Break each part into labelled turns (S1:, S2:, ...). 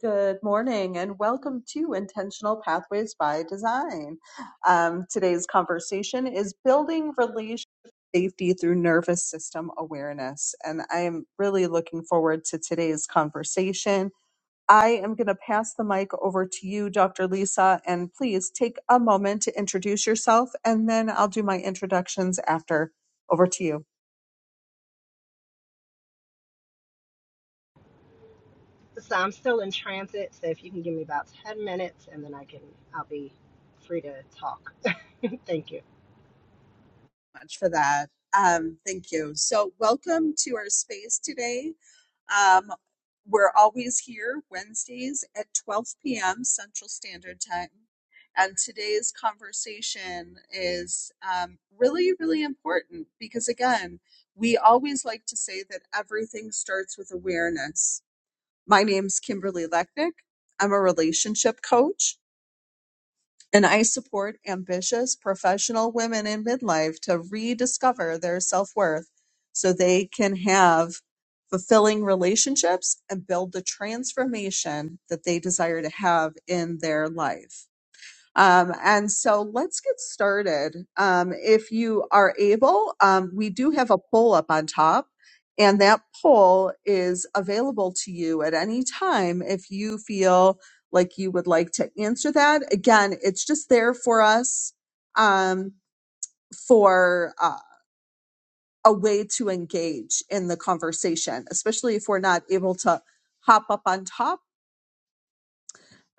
S1: Good morning and welcome to Intentional Pathways by Design. Um, today's conversation is building relationship safety through nervous system awareness. And I am really looking forward to today's conversation. I am going to pass the mic over to you, Dr. Lisa, and please take a moment to introduce yourself, and then I'll do my introductions after. Over to you.
S2: So I'm still in transit, so if you can give me about 10 minutes and then I can, I'll be free to talk. Thank you.
S1: much for that. Um, thank you. So, welcome to our space today. Um, we're always here Wednesdays at 12 p.m. Central Standard Time. And today's conversation is um, really, really important because, again, we always like to say that everything starts with awareness. My name's Kimberly Lechnick. I'm a relationship coach and I support ambitious professional women in midlife to rediscover their self worth so they can have fulfilling relationships and build the transformation that they desire to have in their life. Um, and so let's get started. Um, if you are able, um, we do have a poll up on top, and that poll is available to you at any time if you feel like you would like to answer that. Again, it's just there for us um, for uh, a way to engage in the conversation, especially if we're not able to hop up on top.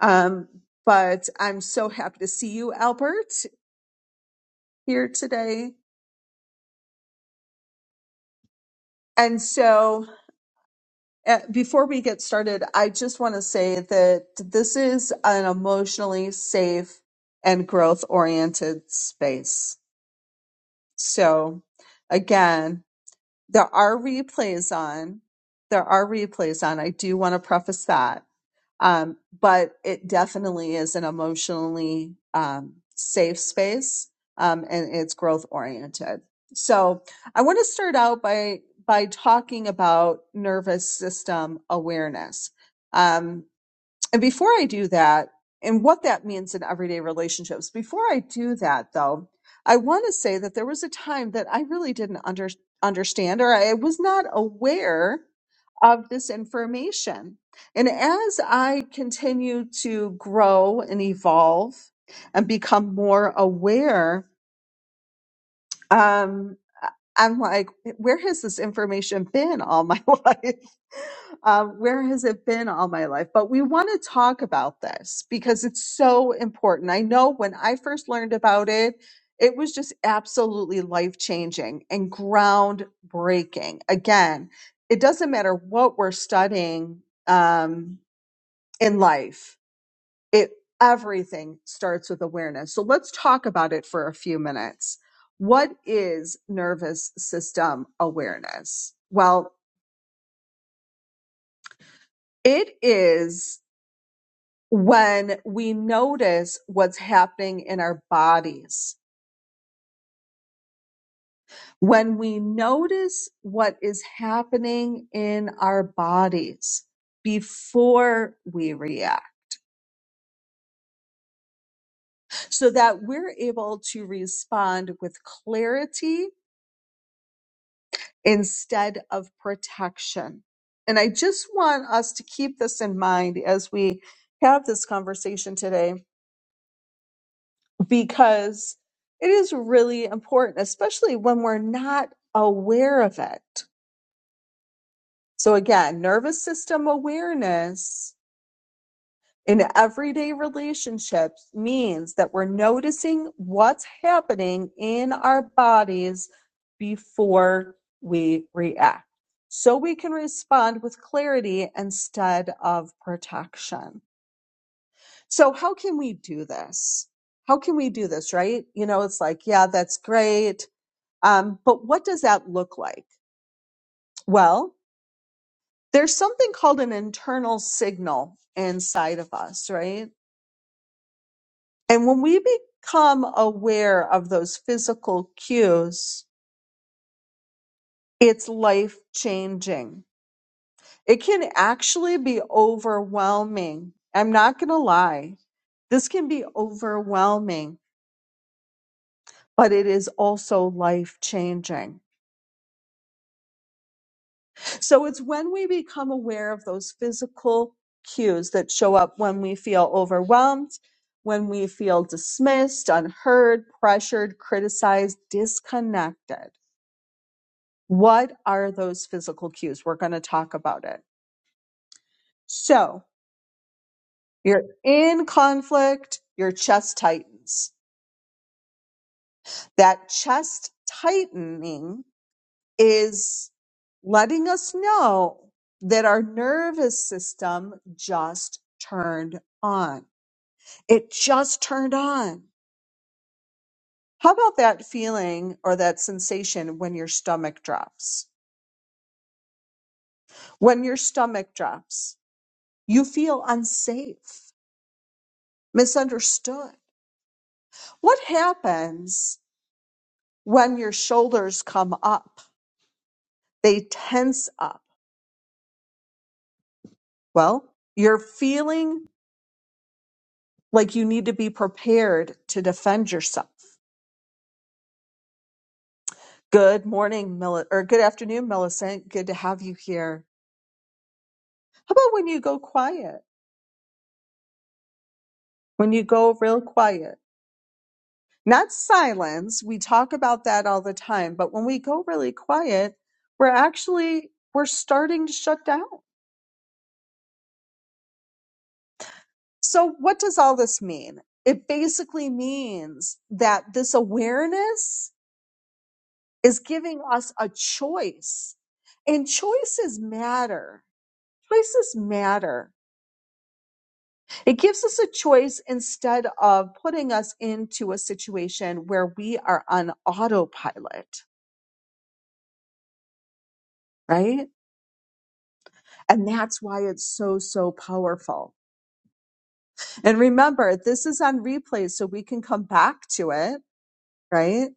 S1: Um, but I'm so happy to see you, Albert, here today And so, uh, before we get started, I just want to say that this is an emotionally safe and growth oriented space. So, again, there are replays on. There are replays on. I do want to preface that. Um, but it definitely is an emotionally um, safe space um, and it's growth oriented. So I want to start out by by talking about nervous system awareness. Um, and before I do that, and what that means in everyday relationships, before I do that though, I want to say that there was a time that I really didn't under, understand or I was not aware of this information. And as I continue to grow and evolve and become more aware um, I- am like, where has this information been all my life? Um, where has it been all my life? But we want to talk about this because it's so important. I know when I first learned about it, it was just absolutely life changing and groundbreaking. Again, it doesn't matter what we're studying um, in life it everything starts with awareness. So let's talk about it for a few minutes. What is nervous system awareness? Well, it is when we notice what's happening in our bodies. When we notice what is happening in our bodies before we react so that we're able to respond with clarity instead of protection. And I just want us to keep this in mind as we have this conversation today because it is really important, especially when we're not aware of it. So, again, nervous system awareness in everyday relationships means that we're noticing what's happening in our bodies before we react. So we can respond with clarity instead of protection. So how can we do this? How can we do this, right? You know, it's like, yeah, that's great. Um, but what does that look like? Well, there's something called an internal signal inside of us, right? And when we become aware of those physical cues, it's life changing. It can actually be overwhelming. I'm not going to lie. This can be overwhelming, but it is also life changing. So it's when we become aware of those physical cues that show up when we feel overwhelmed, when we feel dismissed, unheard, pressured, criticized, disconnected What are those physical cues? We're going to talk about it. So you're in conflict, your chest tightens. That chest tightening is letting us know that our nervous system just turned on. It just turned on. How about that feeling or that sensation when your stomach drops? When your stomach drops, you feel unsafe, misunderstood What happens when your shoulders come up? They tense up. Well, you're feeling like you need to be prepared to defend yourself. Good morning, Mil- or good afternoon, Millicent. Good to have you here. How about when you go quiet? When you go real quiet, not silence. We talk about that all the time, but when we go really quiet, we're actually we're starting to shut down So, what does all this mean? It basically means that this awareness is giving us a choice, and choices matter. Choices matter. It gives us a choice instead of putting us into a situation where we are on autopilot, right? And that's why it's so, so powerful. And remember, this is on replay, so we can come back to it, right?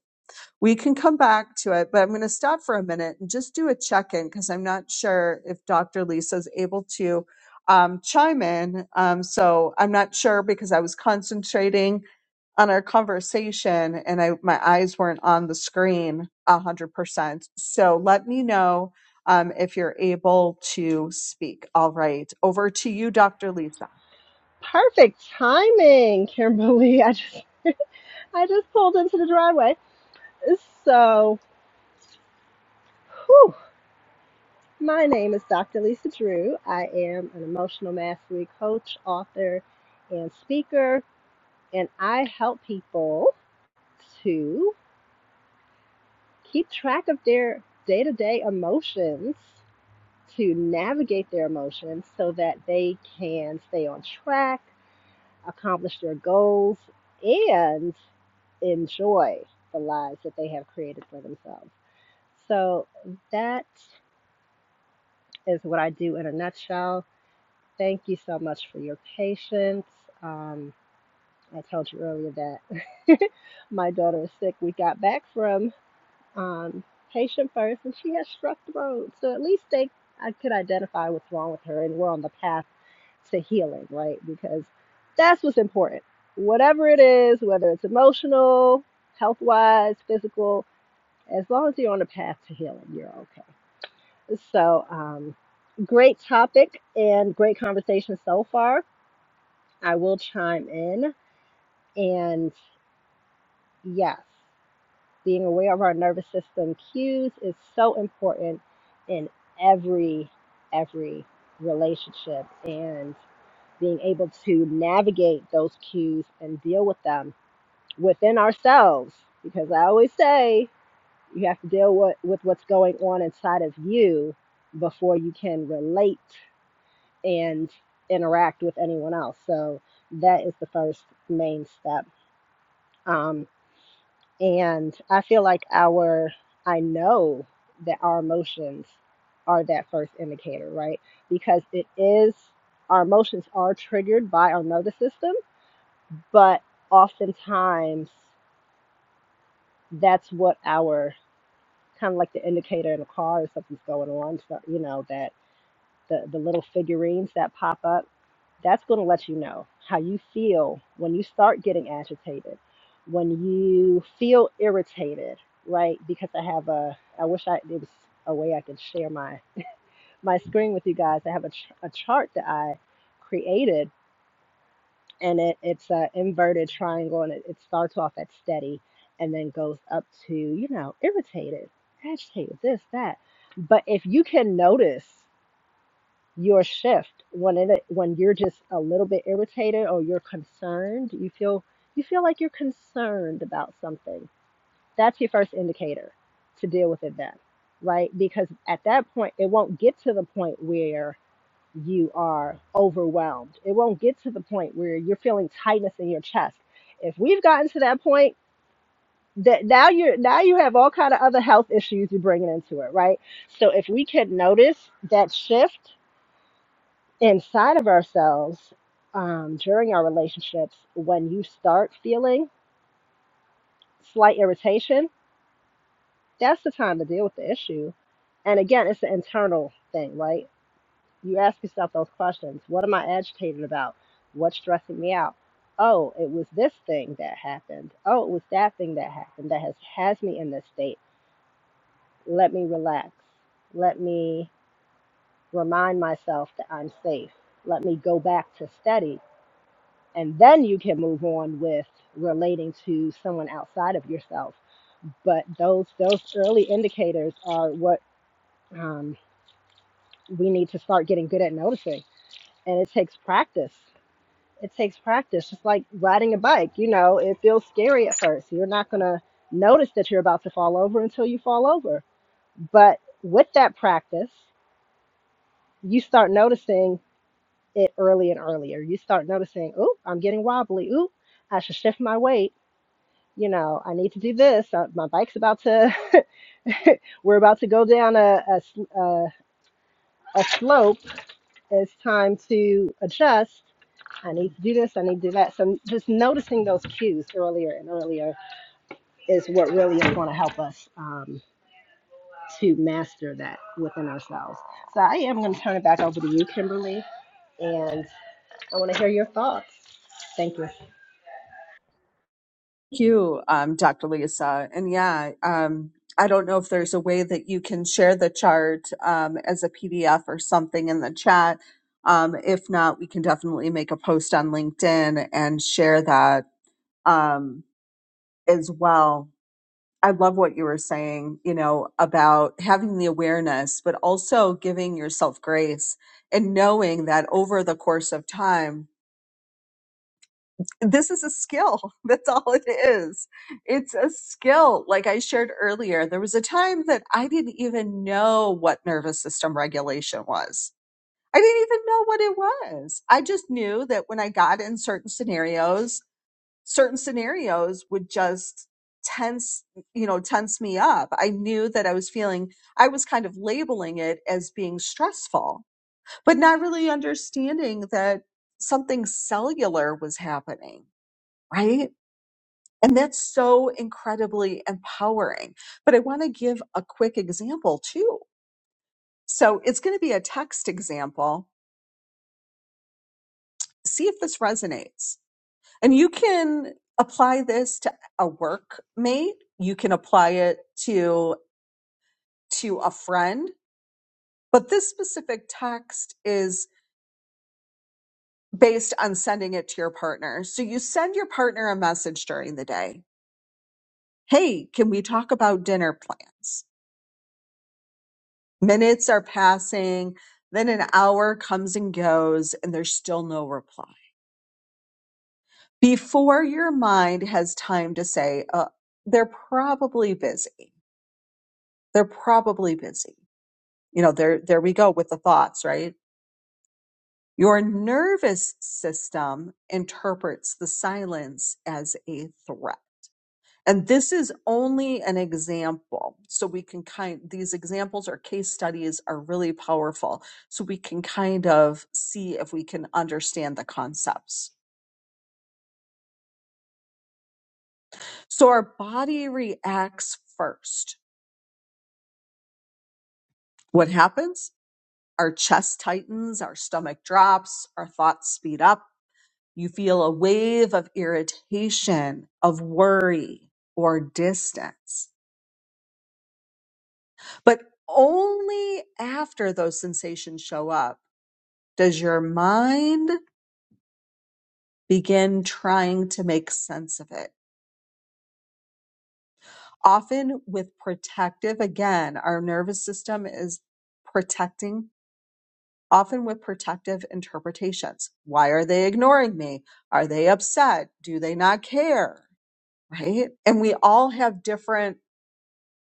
S1: We can come back to it, but I'm going to stop for a minute and just do a check in because I'm not sure if Dr. Lisa is able to um, chime in. Um, so I'm not sure because I was concentrating on our conversation and I my eyes weren't on the screen a hundred percent. So let me know um, if you're able to speak. All right, over to you, Dr. Lisa.
S2: Perfect timing, Kimberly. I just, I just pulled into the driveway. So, whew. my name is Dr. Lisa Drew. I am an emotional mastery coach, author, and speaker, and I help people to keep track of their day-to-day emotions to navigate their emotions so that they can stay on track, accomplish their goals, and enjoy the lives that they have created for themselves. So that is what I do in a nutshell. Thank you so much for your patience. Um, I told you earlier that my daughter is sick. We got back from um, patient first, and she has struck the road. So at least they I could identify what's wrong with her, and we're on the path to healing, right? Because that's what's important. Whatever it is, whether it's emotional, health wise, physical, as long as you're on the path to healing, you're okay. So, um, great topic and great conversation so far. I will chime in. And yes, being aware of our nervous system cues is so important in every, every relationship. And being able to navigate those cues and deal with them within ourselves. Because I always say you have to deal with, with what's going on inside of you before you can relate and interact with anyone else. So that is the first main step. Um, and I feel like our, I know that our emotions are that first indicator, right? Because it is, our emotions are triggered by our nervous system but oftentimes that's what our kind of like the indicator in a car if something's going on so you know that the, the little figurines that pop up that's going to let you know how you feel when you start getting agitated when you feel irritated right because i have a i wish i there was a way i could share my my screen with you guys i have a, ch- a chart that i created and it, it's an inverted triangle and it, it starts off at steady and then goes up to you know irritated agitated this that but if you can notice your shift when it when you're just a little bit irritated or you're concerned you feel you feel like you're concerned about something that's your first indicator to deal with it then right because at that point it won't get to the point where you are overwhelmed. It won't get to the point where you're feeling tightness in your chest. If we've gotten to that point, that now you're now you have all kind of other health issues you're bringing into it, right? So if we could notice that shift inside of ourselves um, during our relationships, when you start feeling slight irritation, that's the time to deal with the issue. And again, it's an internal thing, right? you ask yourself those questions what am i agitated about what's stressing me out oh it was this thing that happened oh it was that thing that happened that has has me in this state let me relax let me remind myself that i'm safe let me go back to steady and then you can move on with relating to someone outside of yourself but those those early indicators are what um, we need to start getting good at noticing and it takes practice it takes practice. Just like riding a bike, you know, it feels scary at first. You're not going to notice that you're about to fall over until you fall over. But with that practice, you start noticing it early and earlier. You start noticing, oh, I'm getting wobbly. Ooh, I should shift my weight. You know, I need to do this. Uh, my bike's about to, we're about to go down a, a, sl- a, a slope. It's time to adjust. I need to do this. I need to do that. So just noticing those cues earlier and earlier is what really is going to help us um, to master that within ourselves. So I am going to turn it back over to you, Kimberly, and I want to hear your thoughts. Thank you.
S1: Thank you, um, Dr. Lisa. And yeah, um, I don't know if there's a way that you can share the chart um, as a PDF or something in the chat. Um, if not, we can definitely make a post on LinkedIn and share that um, as well. I love what you were saying, you know, about having the awareness, but also giving yourself grace and knowing that over the course of time, this is a skill. That's all it is. It's a skill. Like I shared earlier, there was a time that I didn't even know what nervous system regulation was. I didn't even know what it was. I just knew that when I got in certain scenarios, certain scenarios would just tense, you know, tense me up. I knew that I was feeling, I was kind of labeling it as being stressful, but not really understanding that something cellular was happening right? And that's so incredibly empowering. But I want to give a quick example too. So it's going to be a text example. See if this resonates. And you can apply this to a workmate. You can apply it to, to a friend. But this specific text is based on sending it to your partner. So you send your partner a message during the day. Hey, can we talk about dinner plans? Minutes are passing, then an hour comes and goes, and there's still no reply. Before your mind has time to say, uh, they're probably busy. They're probably busy. You know, there, there we go with the thoughts, right? Your nervous system interprets the silence as a threat. And this is only an example. So we can kind, these examples or case studies are really powerful. So we can kind of see if we can understand the concepts. So our body reacts first. What happens? Our chest tightens, our stomach drops, our thoughts speed up. You feel a wave of irritation, of worry, or distance. But only after those sensations show up Does your mind begin trying to make sense of it? Often with protective, again, our nervous system is protecting, often with protective interpretations. Why are they ignoring me? Are they upset? Do they not care? Right? And we all have different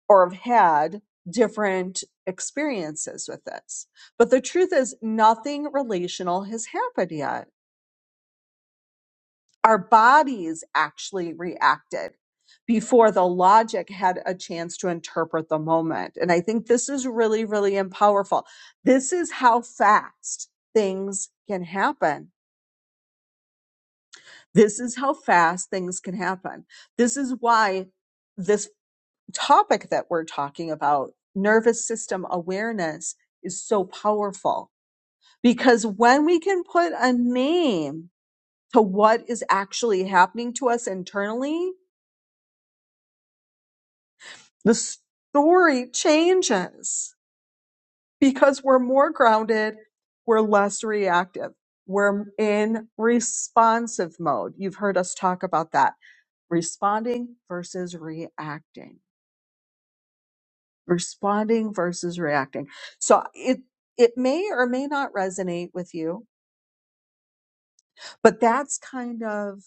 S1: or have had different experiences with this. But the truth is, nothing relational has happened yet our bodies actually reacted before the logic had a chance to interpret the moment. And I think this is really, really em- powerful. This is how fast things can happen. This is how fast things can happen. This is why this topic that we're talking about, nervous system awareness, is so powerful because when we can put a name to what is actually happening to us internally, the story changes because we're more grounded, we're less reactive, we're in responsive mode. You've heard us talk about that responding versus reacting, responding versus reacting. So it, it may or may not resonate with you, but that's kind of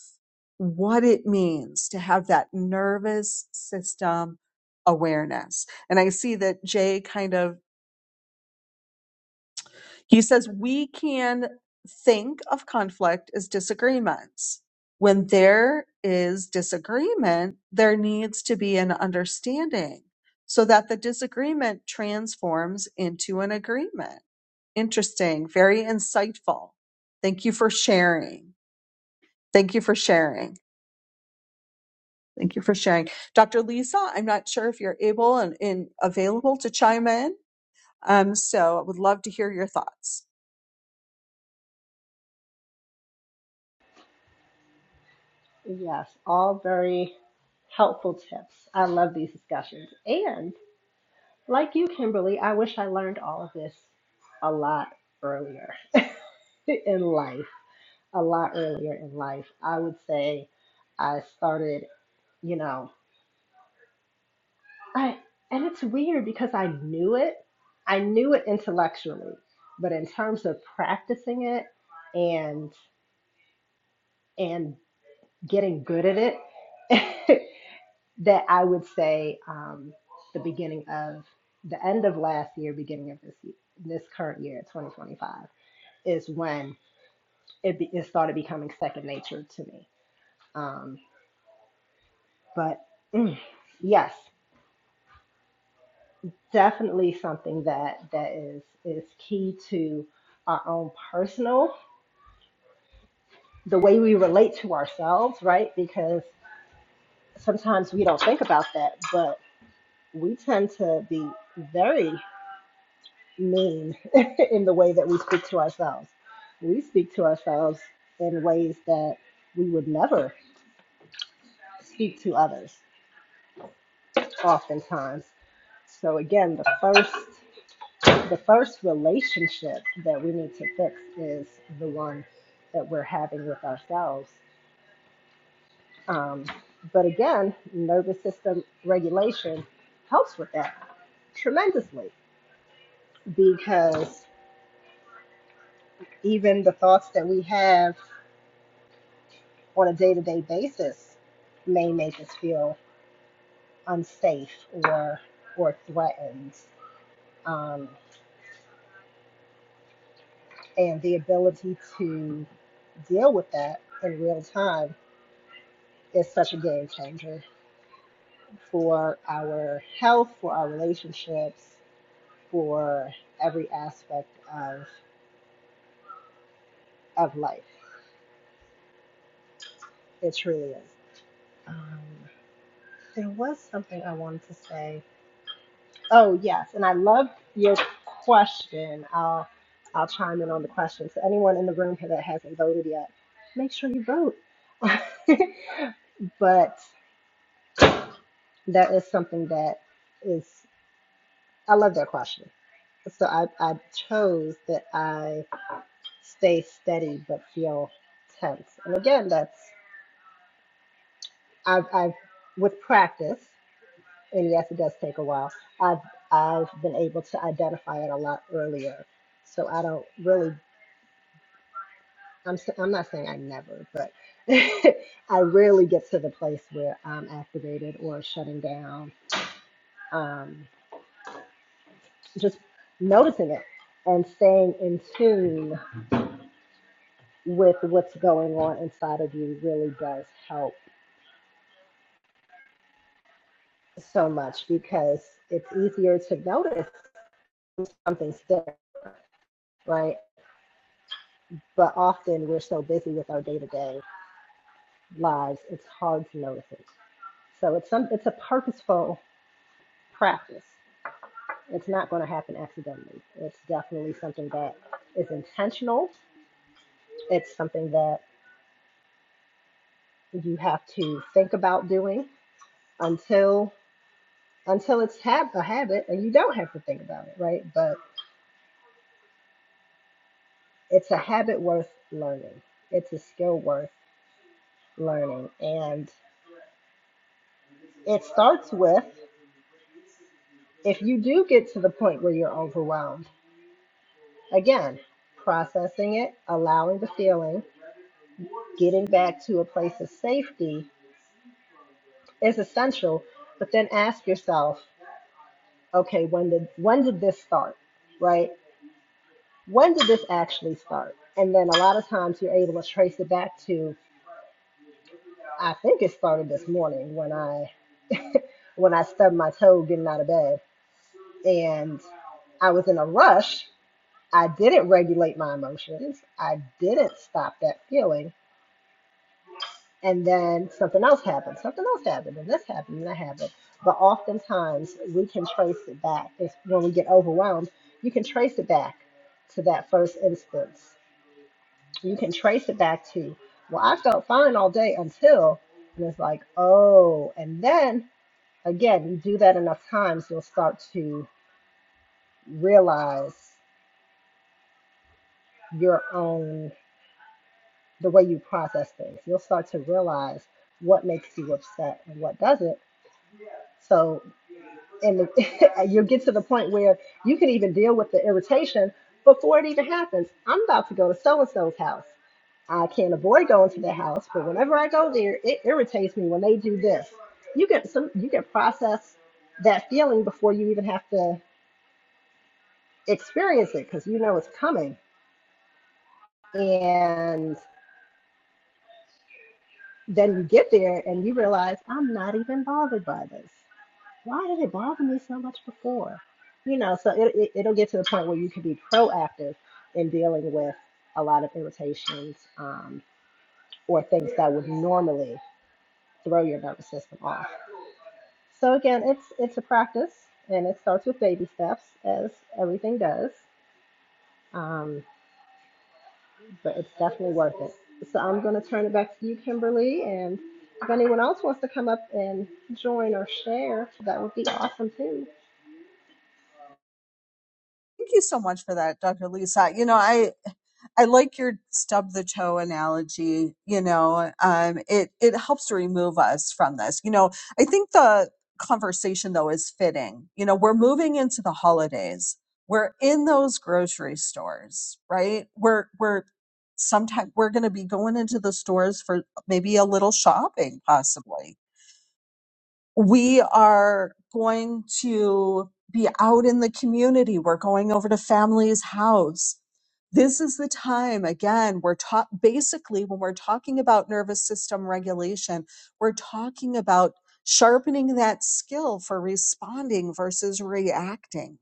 S1: what it means to have that nervous system awareness. And I see that Jay kind of He says we can think of conflict as disagreements. When there is disagreement, there needs to be an understanding so that the disagreement transforms into an agreement. Interesting, very insightful. Thank you for sharing. Thank you for sharing. Thank you for sharing. Dr. Lisa, I'm not sure if you're able and, and available to chime in. Um, so I would love to hear your thoughts.
S2: Yes, all very helpful tips. I love these discussions. And like you, Kimberly, I wish I learned all of this a lot earlier in life. A lot earlier in life. I would say I started, you know. I and it's weird because I knew it. I knew it intellectually, but in terms of practicing it and and getting good at it, that I would say um, the beginning of the end of last year, beginning of this year, this current year, 2025, is when it, be, it started becoming second nature to me. Um, but mm, yes, definitely something that that is is key to our own personal the way we relate to ourselves right because sometimes we don't think about that but we tend to be very mean in the way that we speak to ourselves we speak to ourselves in ways that we would never speak to others oftentimes so again the first the first relationship that we need to fix is the one that we're having with ourselves. Um, but again, nervous system regulation helps with that tremendously because even the thoughts that we have on a day to day basis may make us feel unsafe or, or threatened. Um, and the ability to deal with that in real time is such a game changer for our health, for our relationships, for every aspect of of life. It truly is. Um, there was something I wanted to say. Oh yes, and I love your question. I'll I'll chime in on the question. So anyone in the room here that hasn't voted yet, make sure you vote. but that is something that is I love that question so I, I chose that I. stay steady but feel tense. And again, that's I've, I've with practice, and yes, it does take a while. I've I've been able to identify it a lot earlier, so I don't really. I'm s- I'm not saying I never, but I rarely get to the place where I'm activated or shutting down. Um, just noticing it and staying in tune with what's going on inside of you really does help so much because it's easier to notice something's different, right? But often we're so busy with our day-to-day lives, it's hard to notice it. So it's some it's a purposeful practice. It's not going to happen accidentally. It's definitely something that is intentional. It's something that you have to think about doing until until it's hab- a habit and you don't have to think about it, right? But it's a habit worth learning. It's a skill worth learning. And it starts with if you do get to the point where you're overwhelmed, again, processing it, allowing the feeling, getting back to a place of safety is essential. But then ask yourself, okay, when did when did this start? Right? When did this actually start? And then a lot of times you're able to trace it back to I think it started this morning when I when I stubbed my toe getting out of bed and I was in a rush I didn't regulate my emotions. I didn't stop that feeling. And then something else happened. Something else happened. And this happened and that happened. But oftentimes we can trace it back. It's when we get overwhelmed, you can trace it back to that first instance. You can trace it back to, well, I felt fine all day until, and it's like, oh. And then again, you do that enough times, you'll start to realize your own the way you process things. You'll start to realize what makes you upset and what doesn't. So, and you'll get to the point where you can even deal with the irritation before it even happens. I'm about to go to so and so's house. I can't avoid going to their house, but whenever I go there, it irritates me when they do this. You can some you can process that feeling before you even have to experience it because you know it's coming. And then you get there and you realize I'm not even bothered by this. why did it bother me so much before? You know, so it, it, it'll get to the point where you can be proactive in dealing with a lot of irritations um, or things that would normally throw your nervous system off. So again, it's it's a practice, and it starts with baby steps, as everything does. Um, but it's definitely worth it. So I'm going to turn it back to you, Kimberly, and if anyone else wants to come up and join or share, that would be awesome too.
S1: Thank you so much for that, Dr. Lisa. You know, I I like your stub the toe analogy. You know, um, it it helps to remove us from this. You know, I think the conversation though is fitting. You know, we're moving into the holidays. We're in those grocery stores, right? We're we're sometime we're going to be going into the stores for maybe a little shopping, possibly we are going to be out in the community. We're going over to family's house. This is the time, again, we're taught basically when we're talking about nervous system regulation, we're talking about sharpening that skill for responding versus reacting.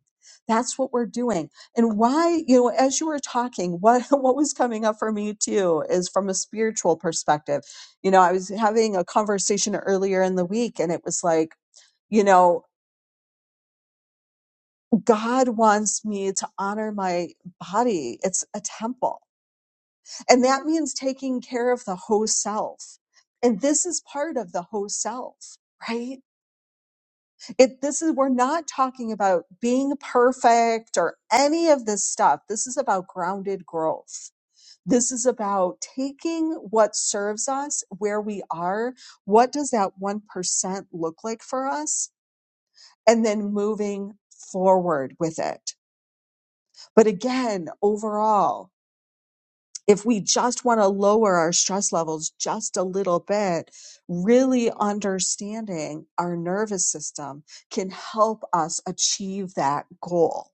S1: That's what we're doing. And why, you know, as you were talking, what, what was coming up for me too is from a spiritual perspective you know, I was having a conversation earlier in the week and it was like, you know, God wants me to honor my body. It's a temple. And that means taking care of the whole self. And this is part of the whole self, right? It, this is, we're not talking about being perfect or any of this stuff. This is about grounded growth. This is about taking what serves us, where we are. What does that 1% look like for us? and then moving forward with it. But again, overall, if we just want to lower our stress levels just a little bit, really understanding our nervous system can help us achieve that goal.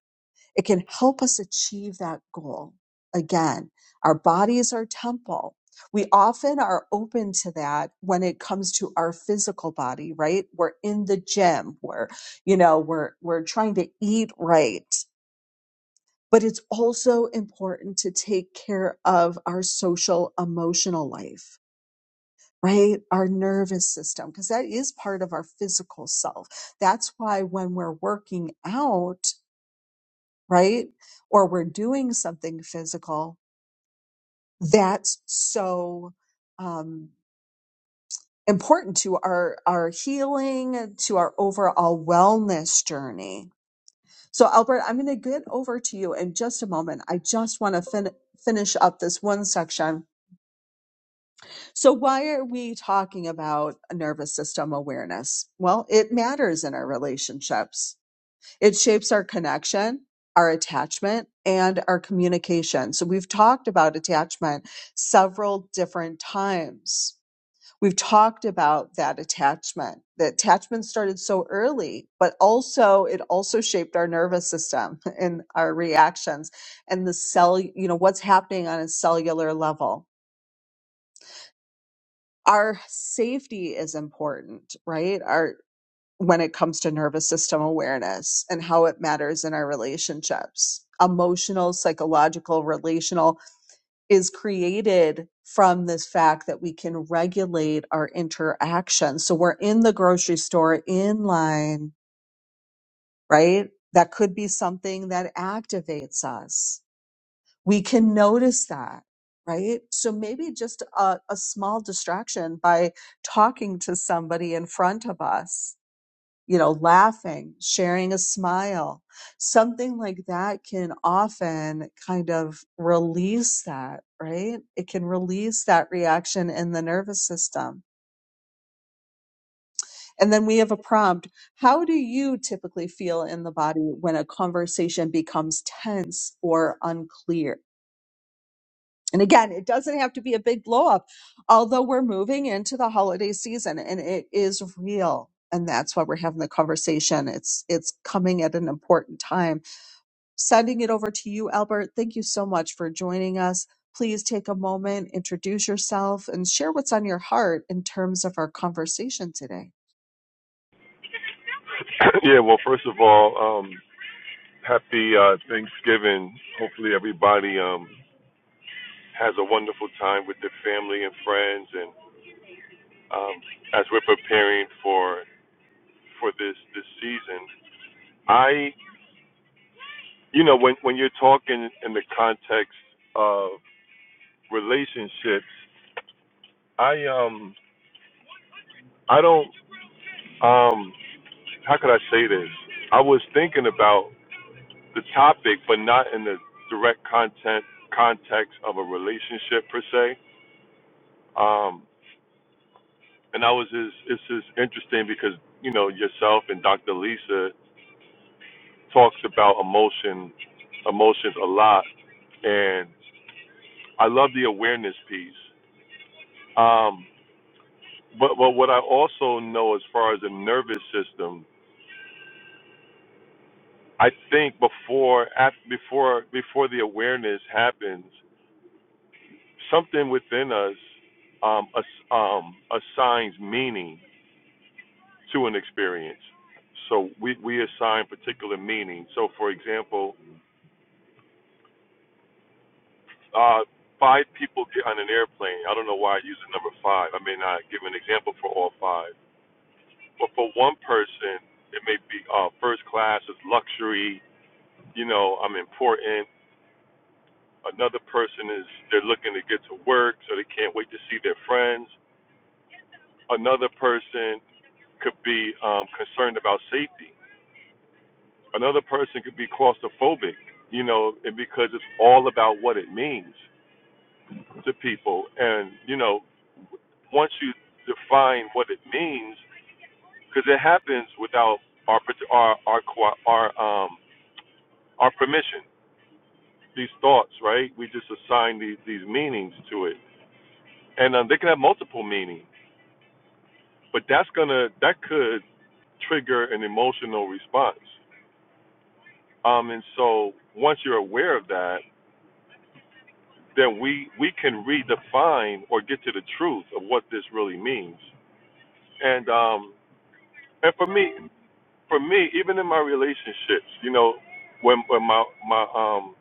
S1: It can help us achieve that goal. Again, our body is our temple. We often are open to that when it comes to our physical body, right? We're in the gym, we're, you know, we're we're trying to eat right. But it's also important to take care of our social emotional life, right? Our nervous system, because that is part of our physical self. That's why when we're working out, right? Or we're doing something physical that's so um, important to our our healing, to our overall wellness journey. So, Albert, I'm going to get over to you in just a moment. I just want to fin- finish up this one section. So, why are we talking about nervous system awareness? Well, it matters in our relationships It shapes our connection, our attachment, and our communication. So we've talked about attachment several different times. We've talked about that attachment. The attachment started so early, but also it also shaped our nervous system and our reactions and the cell, you know, what's happening on a cellular level. Our safety is important, right? Our when it comes to nervous system awareness and how it matters in our relationships. Emotional, psychological, relational is created from this fact that we can regulate our interaction. So we're in the grocery store in line, right? That could be something that activates us. We can notice that, right? So maybe just a, a small distraction by talking to somebody in front of us you know, laughing, sharing a smile, something like that can often kind of release that, right? It can release that reaction in the nervous system. And then we have a prompt. How do you typically feel in the body when a conversation becomes tense or unclear? And again, it doesn't have to be a big blow up, although we're moving into the holiday season and it is real. And that's why we're having the conversation. It's it's coming at an important time Sending it over to you, Albert. Thank you so much for joining us. Please take a moment, introduce yourself, and share what's on your heart in terms of our conversation today.
S3: yeah, well, first of all, um, happy uh, Thanksgiving. Hopefully, everybody um, has a wonderful time with their family and friends. And um, as we're preparing for for this this season, I, you know, when when you're talking in the context of relationships, I um I don't um how could I say this? I was thinking about the topic, but not in the direct content context of a relationship per se Um, and I was just, it's just interesting because, you know, yourself and Dr. Lisa talks about emotion, emotions a lot. And I love the awareness piece. Um, but, but what I also know as far as the nervous system, I think before, af before, before the awareness happens, something within us, um, ass, um, assigns meaning to an experience. So we, we assign particular meaning. So, for example, uh, five people get on an airplane. I don't know why I use the number five. I may not give an example for all five. But for one person, it may be uh, first class is luxury, you know, I'm important. Another person is they're looking to get to work, so they can't wait to see their friends. Another person could be um, concerned about safety Another person could be claustrophobic, you know, and because it's all about what it means to people. And, you know, once you define what it means, because it happens without our, our, our, our, um, our permission, these thoughts, right? We just assign these, these meanings to it. And um, they can have multiple meanings, but that's going to, that could trigger an emotional response. Um, and so once you're aware of that, then we we can redefine or get to the truth of what this really means. And um and for me for me, even in my relationships, you know, when when my my um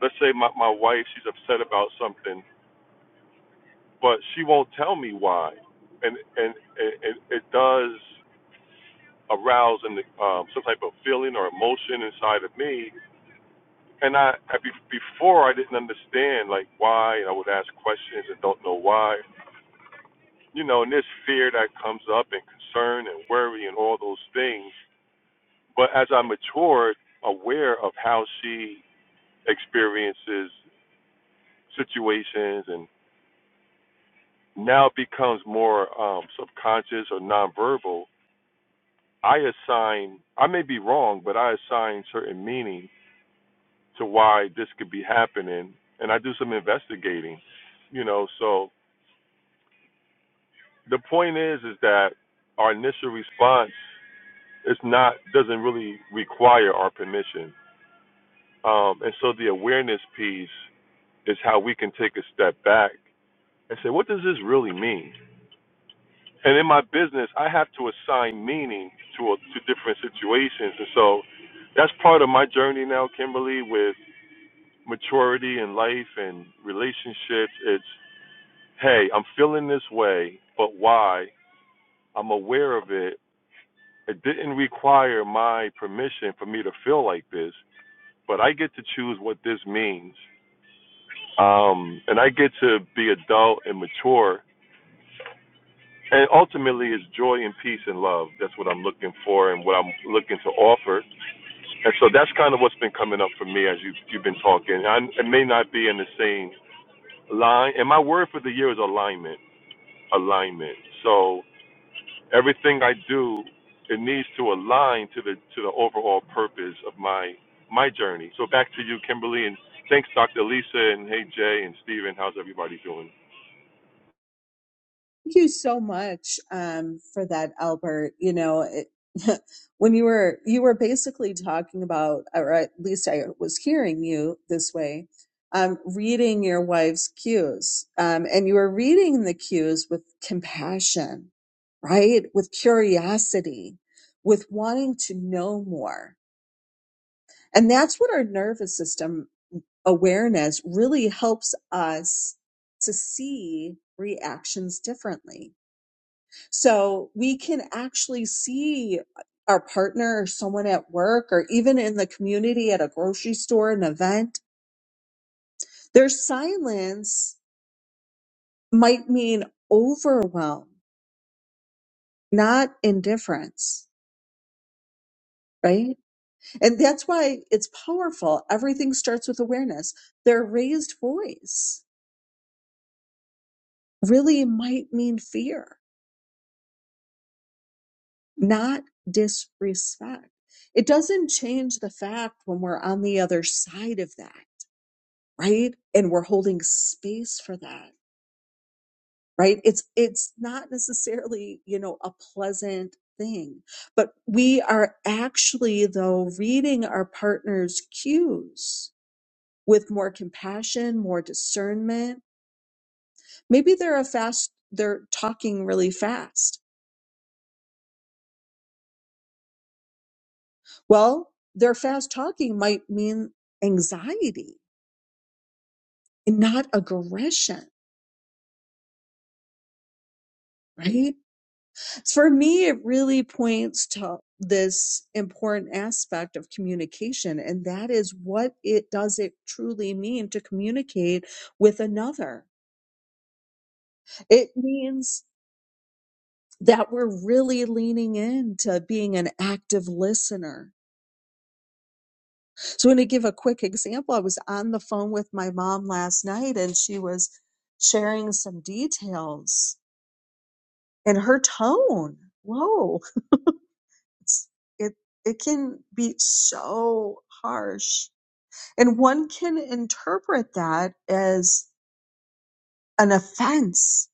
S3: let's say my, my wife she's upset about something, but she won't tell me why. And and it, it, does arouse in the, um, some type of feeling or emotion inside of me. And I, I be, before I didn't understand like why, and I would ask questions and don't know why you know, and there's fear that comes up and concern and worry and all those things. But as I matured, aware of how she experiences situations and now becomes more um, subconscious or nonverbal, I assign, I may be wrong, but I assign certain meaning to why this could be happening. And I do some investigating, you know. So the point is, is that our initial response It's not doesn't really require our permission. Um, and so the awareness piece is how we can take a step back and say, what does this really mean? And in my business, I have to assign meaning to a, to different situations, and so that's part of my journey now, Kimberly, with maturity in life and relationships. It's hey, I'm feeling this way, but why? I'm aware of it. It didn't require my permission for me to feel like this. but I get to choose what this means. Um, and I get to be adult and mature. And ultimately, it's joy and peace and love. That's what I'm looking for and what I'm looking to offer. And so that's kind of what's been coming up for me as you've, you've been talking. I, it may not be in the same line. And my word for the year is alignment. Alignment. So. Everything I do, it needs to align to the to the overall purpose of my my journey. So back to you, Kimberly, and thanks, Dr. Lisa, and hey Jay and Steven. How's everybody doing?
S1: Thank you so much um, for that, Albert. You know, it, when you were you were basically talking about, or at least I was hearing you this way, um, reading your wife's cues, um, and you were reading the cues with compassion, right? With curiosity, with wanting to know more, and that's what our nervous system awareness really helps us to see reactions differently so we can actually see our partner or someone at work or even in the community at a grocery store, an event. Their silence might mean overwhelm, not indifference, right? And that's why it's powerful. Everything starts with awareness. Their raised voice really might mean fear, not disrespect. It doesn't change the fact when we're on the other side of that right and we're holding space for that right it's it's not necessarily you know a pleasant thing but we are actually though reading our partner's cues with more compassion more discernment maybe they're a fast they're talking really fast well their fast talking might mean anxiety and not aggression right For me, it really points to this important aspect of communication, and that is what it does it truly mean to communicate with another? It means that we're really leaning into being an active listener. So, I'm going to give a quick example. I was on the phone with my mom last night, and she was sharing some details, and her tone, whoa, it's, it it can be so harsh And one can interpret that as an offense,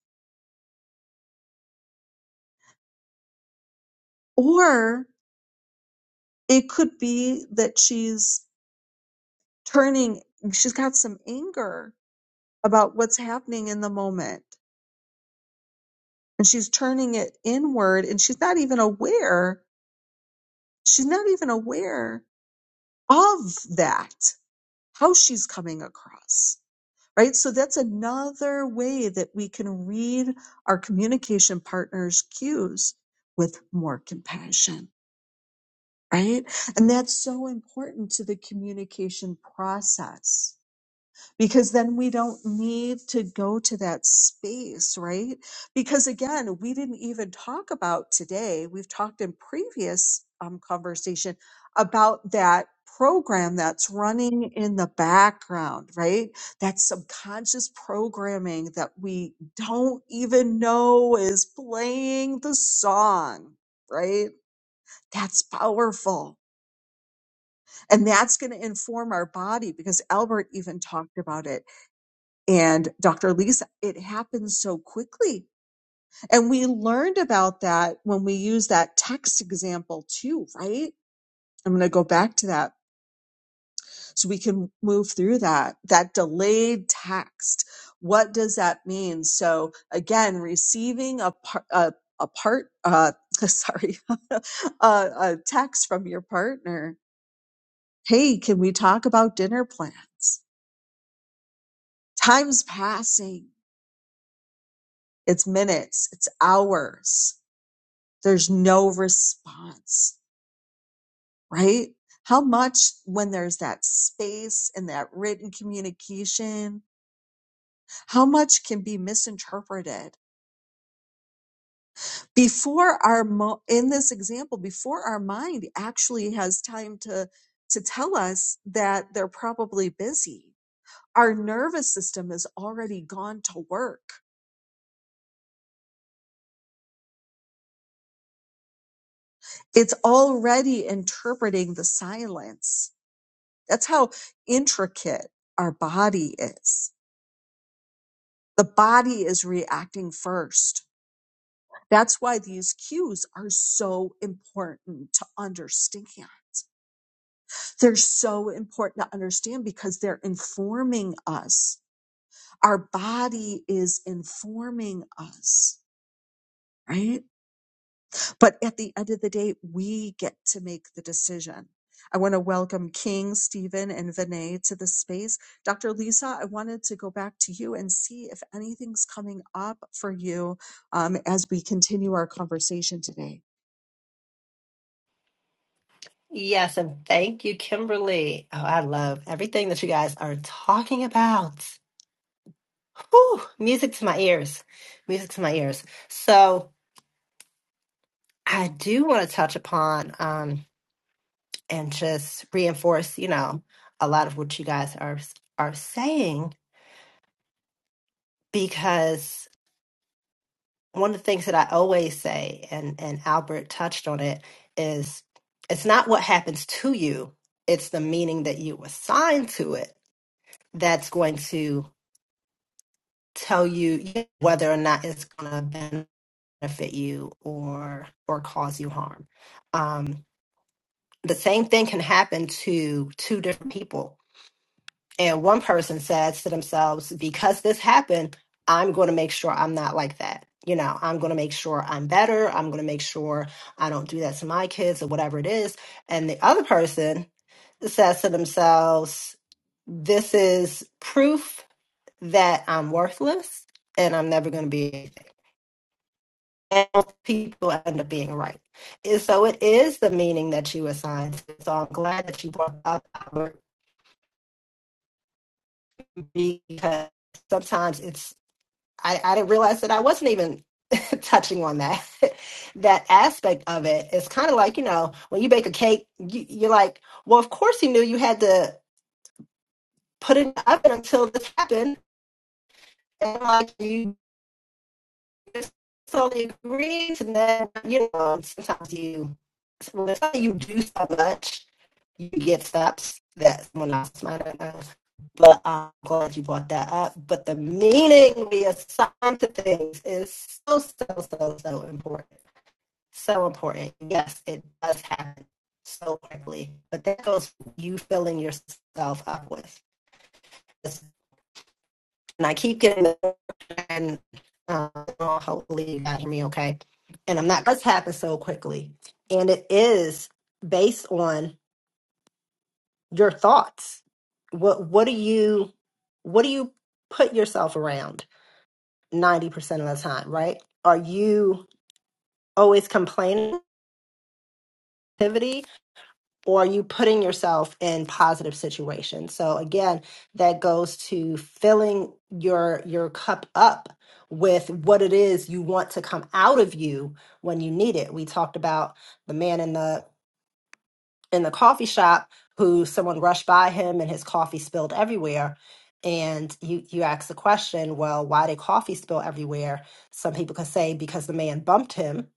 S1: or it could be that she's turning, she's got some anger about what's happening in the moment, and she's turning it inward, and she's not even aware, she's not even aware of that, how she's coming across. Right. So that's another way that we can read our communication partners' cues with more compassion. right? And that's so important to the communication process because then we don't need to go to that space, right? Because again, we didn't even talk about today. We've talked in previous um, conversation about that program that's running in the background, right? That subconscious programming that we don't even know is playing the song, right? That's powerful and that's going to inform our body because Albert even talked about it and Dr. Lisa, it happens so quickly. And we learned about that when we use that text example too, right? I'm going to go back to that so we can move through that, that delayed text. What does that mean? So again, receiving a part, a, a part, uh, sorry, a, a text from your partner. Hey, can we talk about dinner plans? Time's passing. It's minutes, it's hours. There's no response, right? How much, when there's that space and that written communication, how much can be misinterpreted before our, mo- in this example, before our mind actually has time to, to tell us that they're probably busy? Our nervous system is already gone to work. It's already interpreting the silence That's how intricate our body is. The body is reacting first. That's why these cues are so important to understand. They're so important to understand because they're informing us. Our body is informing us, right? But at the end of the day, we get to make the decision. I want to welcome King, Stephen, and Vinay to the space. Dr. Lisa, I wanted to go back to you and see if anything's coming up for you um, as we continue our conversation today.
S2: Yes, and thank you, Kimberly. Oh, I love everything you're talking about. Whew, music to my ears. Music to my ears. So I do want to touch upon um, and just reinforce, you know, a lot of what you guys are are saying because one of the things that I always say, and and Albert touched on it, is it's not what happens to you, it's the meaning that you assign to it that's going to tell you whether or not it's going to benefit you or or cause you harm. Um, the same thing can happen to two different people, and one person says to themselves, "Because this happened, I'm going to make sure I'm not like that." You know, I'm going to make sure I'm better. I'm going to make sure I don't do that to my kids or whatever it is. And the other person says to themselves, This is proof that I'm worthless and I'm never going to be people end up being right. And so it is the meaning that you assign. to it. So I'm glad that you brought up Albert because sometimes it's I, I didn't realize that I wasn't even touching on that that aspect of it. It's kind of like you know when you bake a cake, you, you're like, well, of course you knew you had to put it in the oven until this happened, and like you just totally agreed, and then you know sometimes you when it's something you do so much you get stops that someone else might have known. But uh, I'm glad you brought that up. But the meaning we assign to things is so, so, so, so important. So important. Yes, it does happen so quickly. But that goes you filling yourself up with. And I keep getting the and uh, well, hopefully you guys hear me okay. And I'm not, it does happen so quickly. And it is based on your thoughts What what do you what do you put yourself around 90% of the time, right? Are you always complaining activity or are you putting yourself ration? So again, that goes to filling your your cup up with what it is you want to come out of you when you need it. We talked about the man in the in the coffee shop who someone rushed by him and his coffee spilled everywhere and you you ask the question well why did coffee spill everywhere some people could say because the man bumped him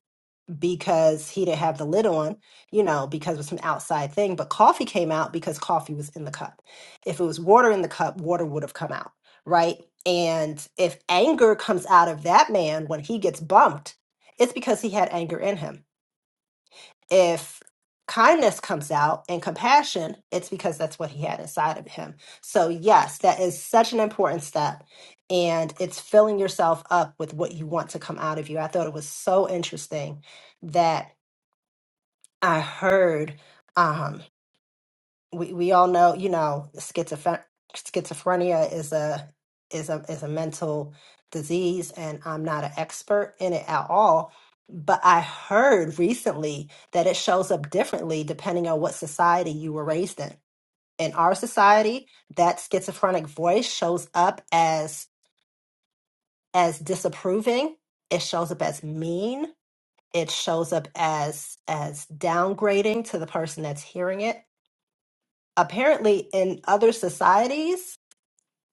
S2: because he didn't have the lid on you know because it was an outside thing but coffee came out because coffee was in the cup if it was water in the cup water would have come out right and if anger comes out of that man when he gets bumped it's because he had anger in him if kindness comes out and compassion, it's because that's what he had inside of him. So, yes, that is such an important step. And it's filling yourself up with what you want to come out of you. I thought it was so interesting that I heard. Um, we we all know, you know, schizophren schizophrenia is a is a is a mental disease, and I'm not an expert in it at all. But I heard recently that it shows up differently depending on what society you were raised in. In our society, that schizophrenic voice shows up as as disapproving. It shows up as mean. It shows up as as downgrading to the person that's hearing it apparently in other societies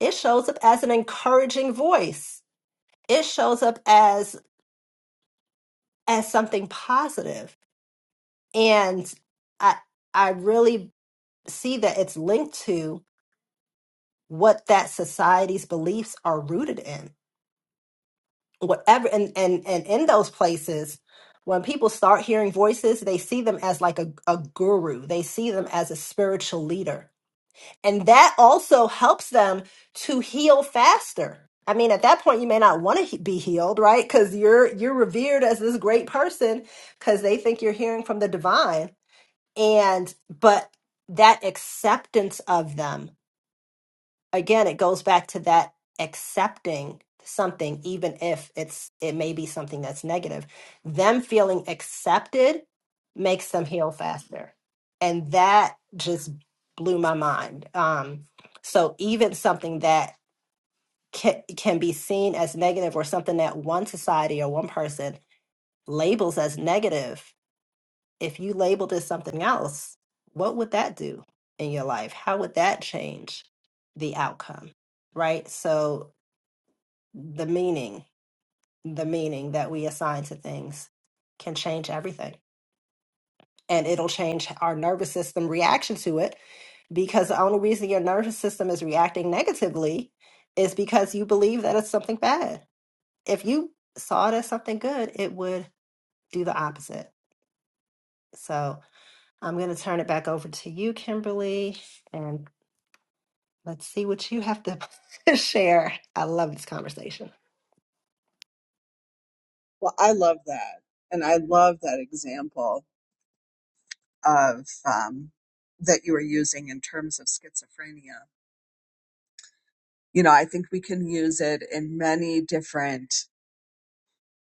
S2: it shows up as an encouraging voice it shows up as as something positive and i i really see that it's linked to what that society's beliefs are rooted in whatever and and and in those places when people start hearing voices they see them as like a, a guru they see them as a spiritual leader And that also helps them to heal faster. I mean, at that point, you may not want to he- be healed, right? Because you're you're revered as this great person because they think you're hearing from the divine. And but that acceptance of them again it goes back to that accepting something even if it's it may be something that's negative them feeling accepted makes them heal faster and that just blew my mind um so even something that can, can be seen as negative or something that one society or one person labels as negative if you labeled it something else, what would that do in your life? How would that change the outcome? Right? So the meaning, the meaning that we assign to things can change everything. And it'll change our nervous system reaction to it because the only reason your nervous system is reacting negatively is because you believe that it's something bad. If you saw it as something good, it would do the opposite. So I'm going to turn it back over to you, Kimberly. and. Let's see what you have to share. I love this conversation.
S1: Well, I love that. And I love that example of um, that you were using in terms of schizophrenia. You know, I think we can use it in many different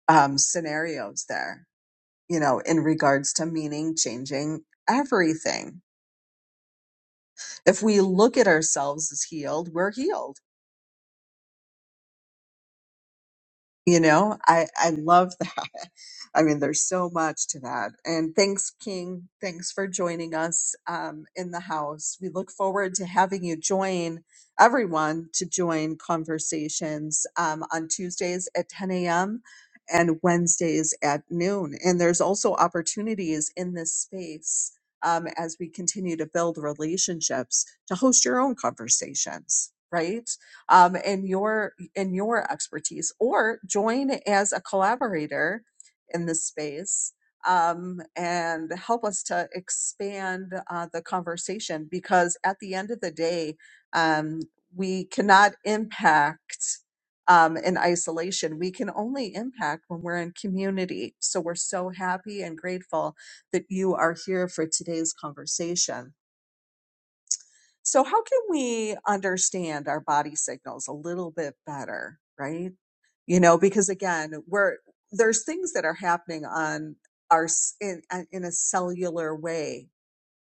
S1: um, scenarios there. you know, in regards to meaning, changing everything. If we look at ourselves as healed, we're healed. You know, I, I love that. I mean, there's so much to that. And thanks, King. Thanks for joining us um, in the house. We look forward to having you join everyone to join conversations um, on Tuesdays at 10 a.m. and Wednesdays at noon. And there's also opportunities in this space um, as we continue to build relationships to host your own conversations, right? Um, and your in your expertise or join as a collaborator in this space um, and help us to expand uh, the conversation because at the end of the day um, we cannot impact um, in isolation we can only impact when we're in community so we're so happy and grateful that you are here for today's conversation so how can we understand our body signals a little bit better right you know because again we're there's things that are happening on our in in a cellular way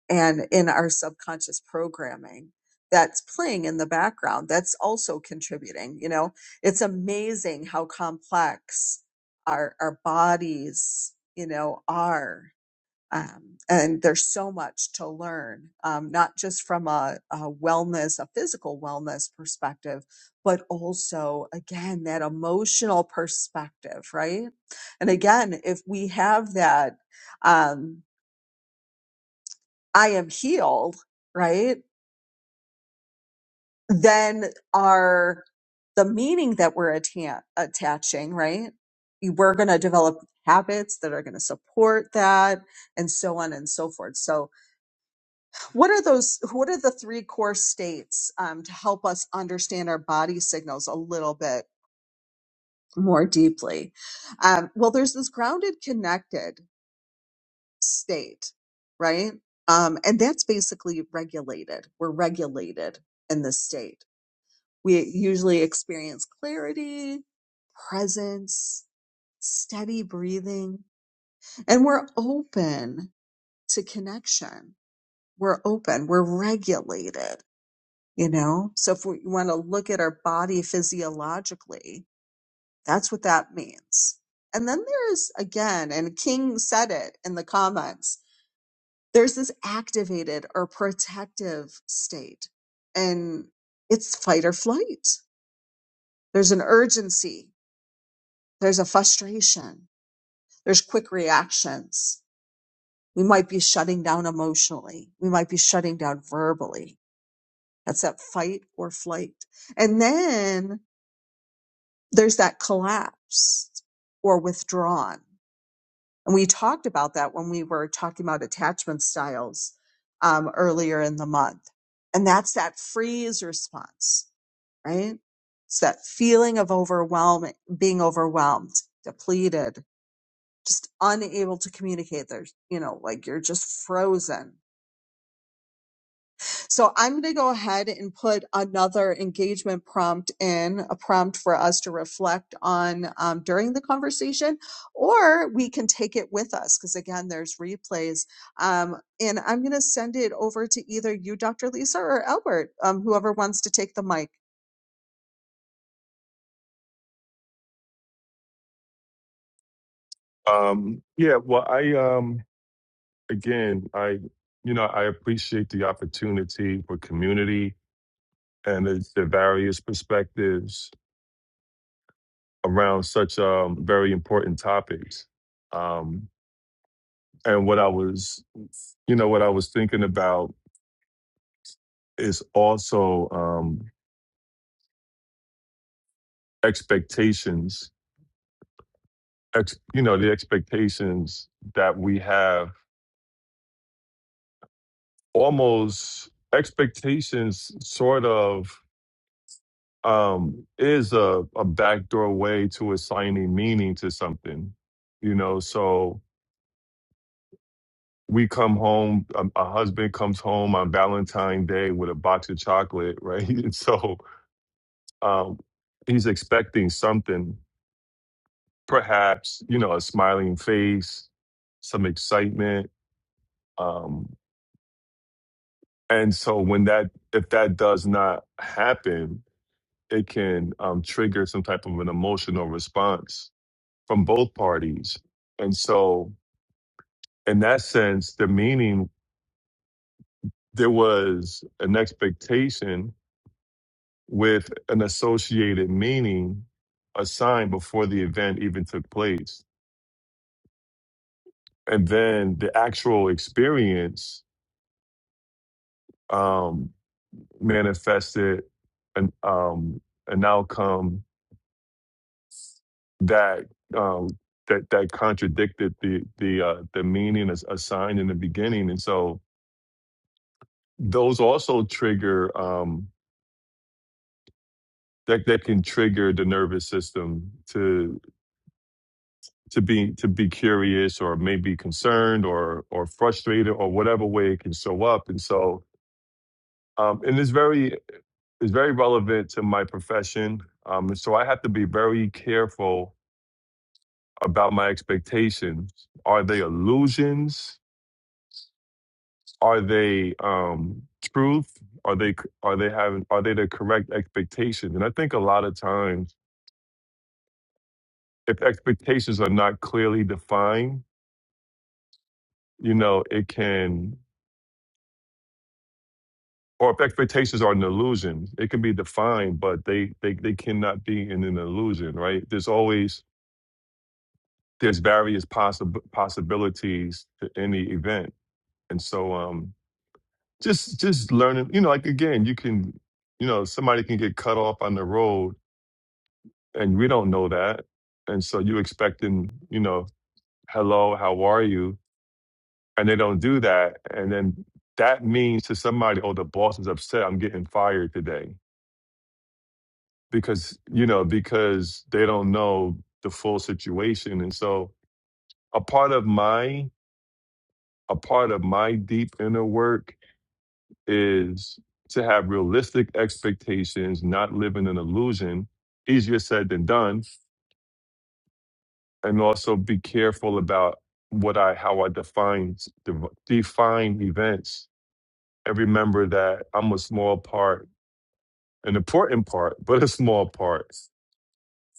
S1: and in our subconscious programming that's playing in the background that's also contributing you know it's amazing how complex our our bodies you know are um, and there's so much to learn, um, not just from a, a wellness, a physical wellness perspective, but also, again, that emotional perspective, right? And again, if we have that, um, I am healed, right? Then our, the meaning that we're atta- attaching, right? You- We're going to develop habits that are going to support that and so on and so forth. So, What are those? What are the three core states um, to help us understand our body signals a little bit more deeply? Um, well, there's this grounded, connected state, right? Um, and that's basically regulated. We're regulated in this state. We usually experience clarity, presence, steady breathing, and we're open to connection. We're open. We're regulated You know, so if we want to look at our body physiologically, that's what that means. And then there is, again, and King said it in the comments, there's this activated or protective state, and it's fight or flight. There's an urgency, there's a frustration, there's quick reactions. We might be shutting down emotionally, we might be shutting down verbally. That's that fight or flight. And then there's that collapse or withdrawn. And we talked about that when we were talking about attachment styles um, earlier in the month. And that's that freeze response, right? It's that feeling of overwhelming, being overwhelmed, depleted, just unable to communicate. There's, you know, like you're just frozen So I'm going to go ahead and put another engagement prompt in, a prompt for us to reflect on um, during the conversation, or we can take it with us because, again, there's replays. Um, and I'm going to send it over to either you, Dr. Lisa, or Albert, um, whoever wants to take the mic.
S3: Um, yeah, well, I um again, I you know, I appreciate the opportunity for community and the, the various perspectives around such um very important topics. Um, and what I was, you know, what I was thinking about is also um, expectations ex, you know the expectations that we have almost expectations sort of um is a, a backdoor way to assigning meaning to something you know so we come home a, a husband comes home on valentine's day with a box of chocolate right and so um he's expecting something perhaps you know a smiling face some excitement um, And so when that if that does not happen, it can um, trigger some type of an emotional response from both parties. And so in that sense, the meaning there was an expectation with an associated meaning assigned before the event even took place. And then the actual experience um, manifested an um, an outcome that um, that that contradicted the the uh, the meaning as assigned in the beginning, and so those also trigger um, that that can trigger the nervous system to to be to be curious or maybe concerned or or frustrated or whatever way it can show up, and so um, and it's very it's very relevant to my profession, um, and so I have to be very careful about my expectations. Are they illusions? are they um truth are they are they having are they the correct expectations and i think a lot of times if expectations are not clearly defined you know it can or if expectations are an illusion it can be defined but they they, they cannot be in an illusion right there's always there's various possible possibilities to any event and so um just just learning you know like again you can you know somebody can get cut off on the road and we don't know that. And so you expecting, you know, hello, how are you? And they don't do that. And then that means to somebody, oh, the boss is upset. I'm getting fired today because, you know, because they don't know the full situation. And so a part of my, a part of my deep inner work is to have realistic expectations, not live in an illusion. Easier said than done and also be careful about what I how I define de- define events and remember that I'm a small part, an important part, but a small part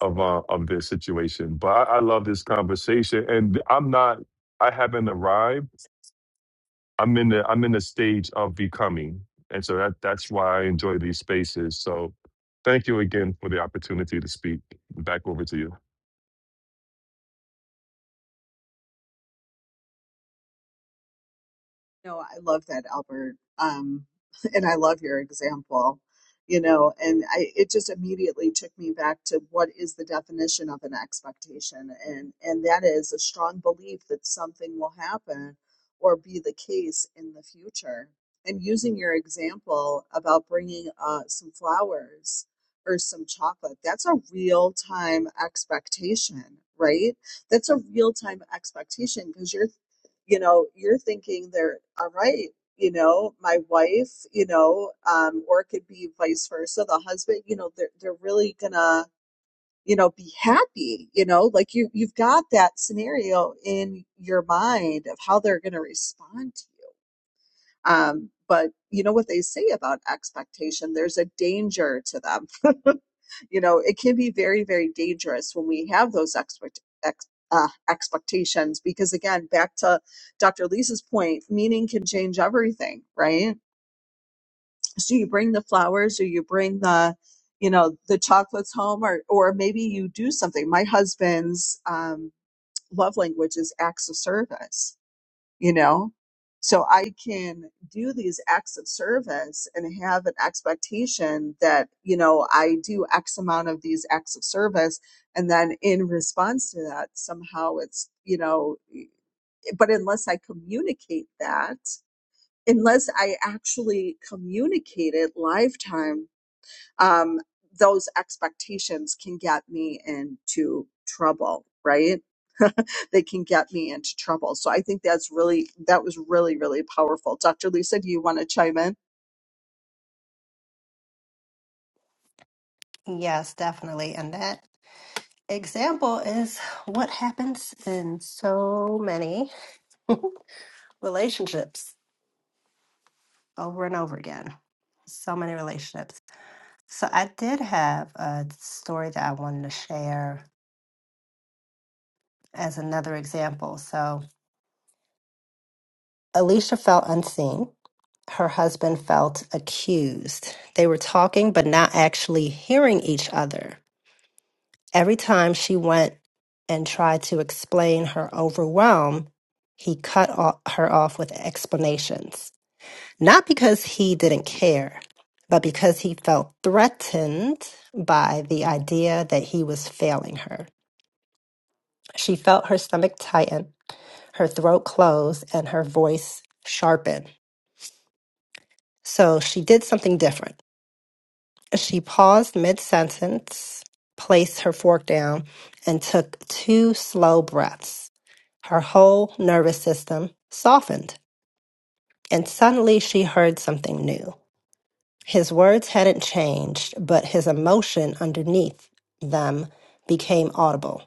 S3: of uh, of this situation. But I, I love this conversation, and I'm not I haven't arrived. I'm in the I'm in the stage of becoming, and so that that's why I enjoy these spaces. So. Thank you again for the opportunity to speak. Back over to you.
S1: No, I love that, Albert. Um, and I love your example, you know, and I, it just immediately took me back to what is the definition of an expectation. And, and that is a strong belief that something will happen or be the case in the future. And using your example about bringing uh, some flowers or some chocolate, that's a real time expectation, right? That's a real time expectation because you're you know, you're thinking they're all right, you know, my wife, you know, um, or it could be vice versa, the husband, you know, they're they're really gonna, you know, be happy, you know, like you you've got that scenario in your mind of how they're gonna respond to you. Um, but you know what they say about expectation, there's a danger to them. You know, it can be very, very dangerous when we have those expect, ex, uh, expectations because, again, back to Dr. Lisa's point, meaning can change everything, right? So you bring the flowers or you bring the you know the chocolates home or or maybe you do something my husband's um, love language is acts of service you know? So I can do these acts of service and have an expectation that, you know, I do X amount of these acts of service. And then in response to that, somehow it's, you know, but unless I communicate that, unless I actually communicate it lifetime, um, those expectations can get me into trouble, right? that can get me into trouble. So I think that's really, that was really, really powerful. Dr. Lisa, do you want to chime in?
S2: Yes, definitely. And that example is what happens in so many relationships over and over again. So many relationships. So I did have a story that I wanted to share as another example. So Alicia felt unseen. Her husband felt accused. They were talking, but not actually hearing each other. Every time she went and tried to explain her overwhelm, he cut o- her off with explanations. Not because he didn't care, but because he felt threatened by the idea that he was failing her. She felt her stomach tighten, her throat close, and her voice sharpen. So she did something different. She paused mid sentence, placed her fork down, and took two slow breaths. Her whole nervous system softened. And suddenly she heard something new. His words hadn't changed, but his emotion underneath them became audible.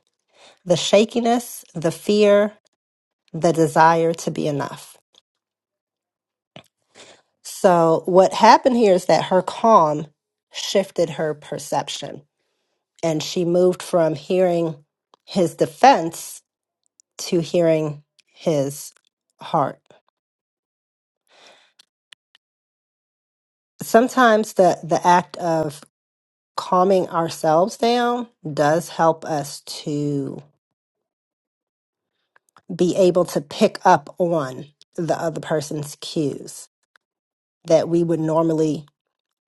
S2: The shakiness, the fear, the desire to be enough. So, what happened here is that her calm shifted her perception, and she moved from hearing his defense to hearing his heart. Sometimes the, the act of calming ourselves down does help us to be able to pick up on the other person's cues that we would normally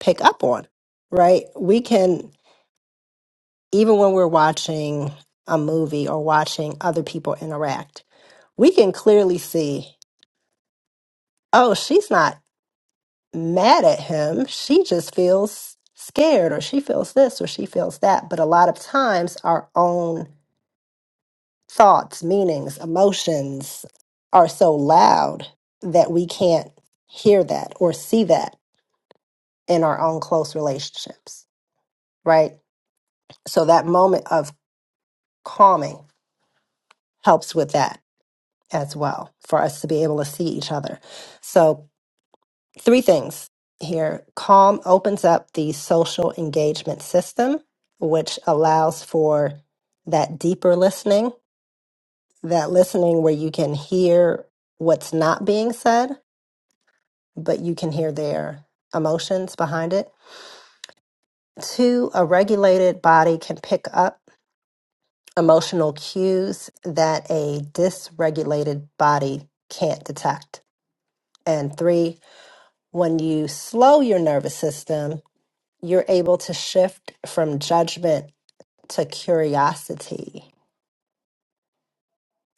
S2: pick up on, right? We can, even when we're watching a movie or watching other people interact, we can clearly see, oh, she's not mad at him. She just feels scared or she feels this or she feels that. But a lot of times, our own thoughts, meanings, emotions are so loud that we can't hear that or see that in our own close relationships, right? So that moment of calming helps with that as well for us to be able to see each other. So, three things here calm opens up the social engagement system, which allows for that deeper listening, that listening where you can hear what's not being said but you can hear their emotions behind it. Two, a regulated body can pick up emotional cues that a dysregulated body can't detect. And three, when you slow your nervous system, you're able to shift from judgment to curiosity.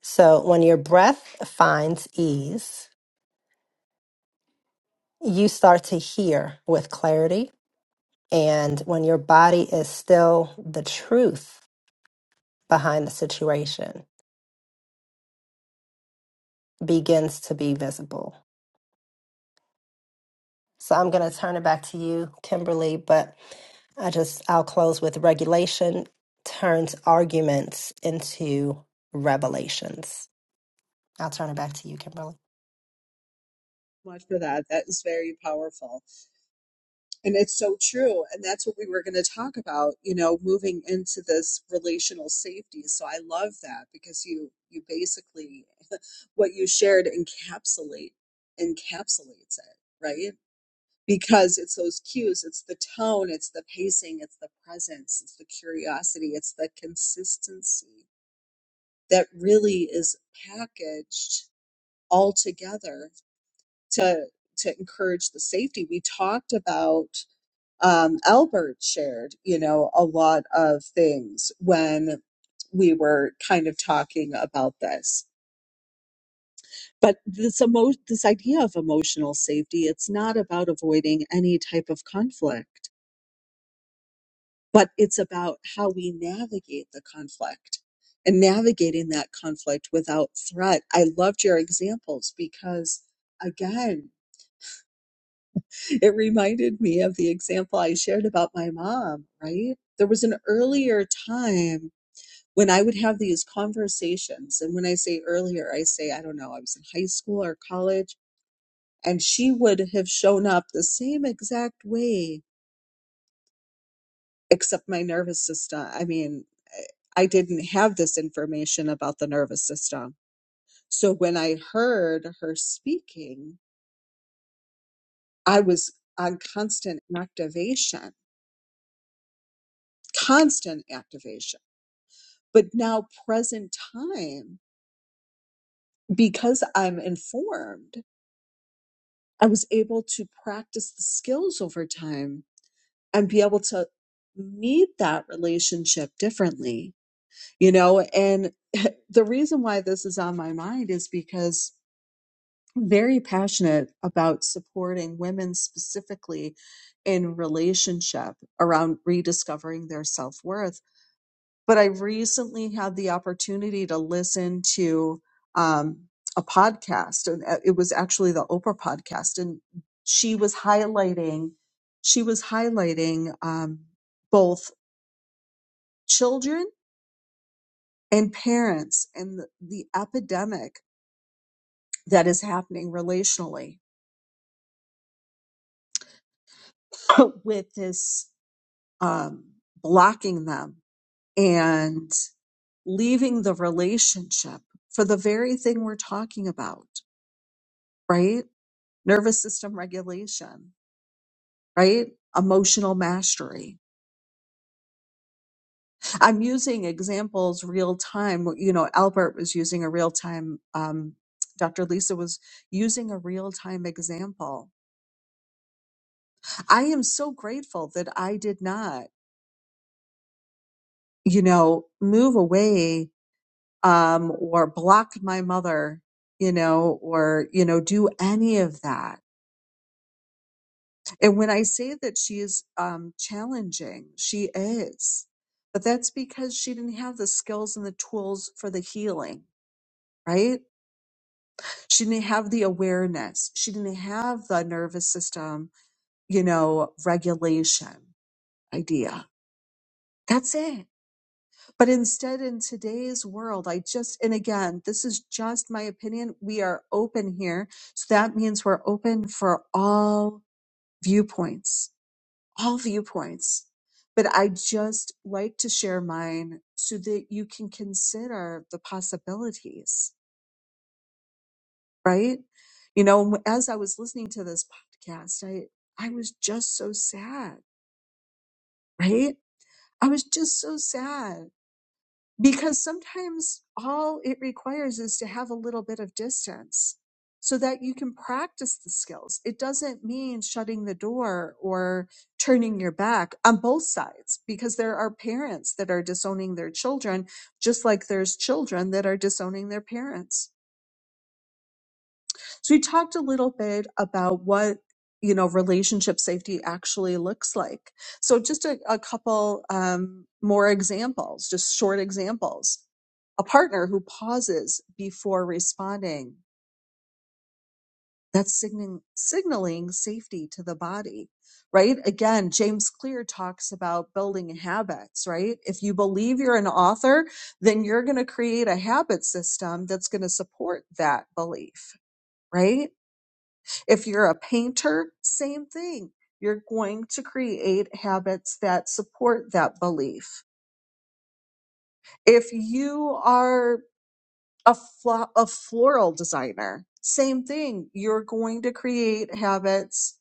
S2: So when your breath finds ease, you start to hear with clarity. And when your body is still the truth, behind the situation begins to be visible. So I'm going to turn it back to you, Kimberly, but I just, I'll close with regulation turns arguments into revelations. I'll turn it back to you, Kimberly.
S1: Much for that. That is very powerful. And it's so true. And that's what we were going to talk about, you know, moving into this relational safety. So I love that because you, you basically, what you shared encapsulate, encapsulates it, right? because it's those cues it's the tone it's the pacing it's the presence it's the curiosity it's the consistency that really is packaged all together to to encourage the safety. We talked about um, Albert shared, you know, a lot of things when we were kind of talking about this. But this emo- this idea of emotional safety, it's not about avoiding any type of conflict but it's about how we navigate the conflict and navigating that conflict without threat. I loved your examples because, again, it reminded me of the example I shared about my mom, right? There was an earlier time when I would have these conversations. And when I say earlier, I say, I don't know, I was in high school or college, and she would have shown up the same exact way except my nervous system. I mean, I didn't have this information about the nervous system. So when I heard her speaking, I was on constant activation, constant activation. But now, present time, because I'm informed, I was able to practice the skills over time and be able to meet that relationship differently, you know? And the reason why this is on my mind is because very passionate about supporting women specifically in relationship around rediscovering their self worth. But I recently had the opportunity to listen to um, a podcast, and uh, it was actually the Oprah podcast, and she was highlighting she was highlighting um, both children and parents and the, the epidemic that is happening relationally with this. um, blocking them and leaving the relationship for the very thing we're talking about, right? Nervous system regulation, right? Emotional mastery. I'm using examples real time. You know, Albert was using a real time, um, Dr. Lisa was using a real time example. I am so grateful that I did not, you know, move away um, or block my mother, you know, or, you know, do any of that. And when I say that she is um, challenging, she is, but that's because she didn't have the skills and the tools for the healing, right? She didn't have the awareness. She didn't have the nervous system, you know, regulation idea. That's it But instead, in today's world, I just, and again, this is just my opinion. We are open here. So that means we're open for all viewpoints, all viewpoints. But I just like to share mine so that you can consider the possibilities, right? You know, as I was listening to this podcast, I, I was just so sad, right? I was just so sad because sometimes all it requires is to have a little bit of distance so that you can practice the skills. It doesn't mean shutting the door or turning your back on both sides because there are parents that are disowning their children, just like there's children that are disowning their parents. So we talked a little bit about what you know relationship safety actually looks like. So just a, a couple um, more examples, just short examples. A partner who pauses before responding, that's signaling, signaling safety to the body, right? Again, James Clear talks about building habits, right? If you believe you're an author, then you're going to create a habit system that's going to support that belief, right? If you're a painter, same thing. You're going to create habits that support that belief. If you are a, flo- a floral designer, same thing. You're going to create habits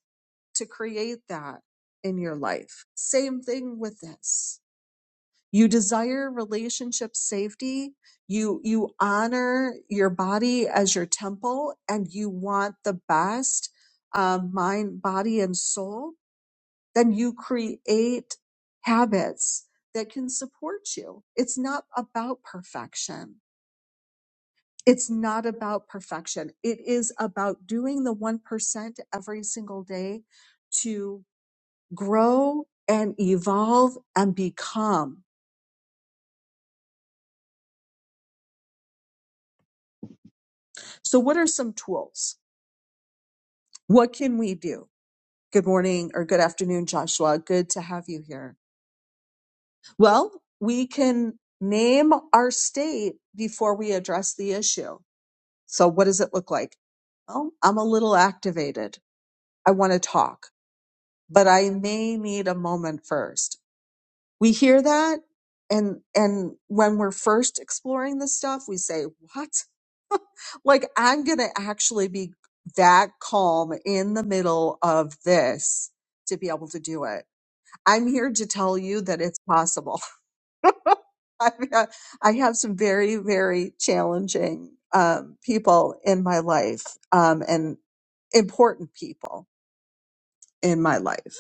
S1: to create that in your life. Same thing with this. You desire relationship safety. You, you honor your body as your temple and you want the best um, mind, body, and soul then you create habits that can support you. It's not about perfection. It's not about perfection. It is about doing the 1% every single day to grow and evolve and become. So what are some tools? What can we do? Good morning or good afternoon, Joshua. Good to have you here. Well, we can name our state before we address the issue So what does it look like? Well, I'm a little activated. I want to talk, but I may need a moment first. We hear that. And, and when we're first exploring this stuff, we say, what? like I'm going to actually be that calm in the middle of this to be able to do it. I'm here to tell you that it's possible. I, have- I have some very, very challenging um, people in my life um, and important people in my life.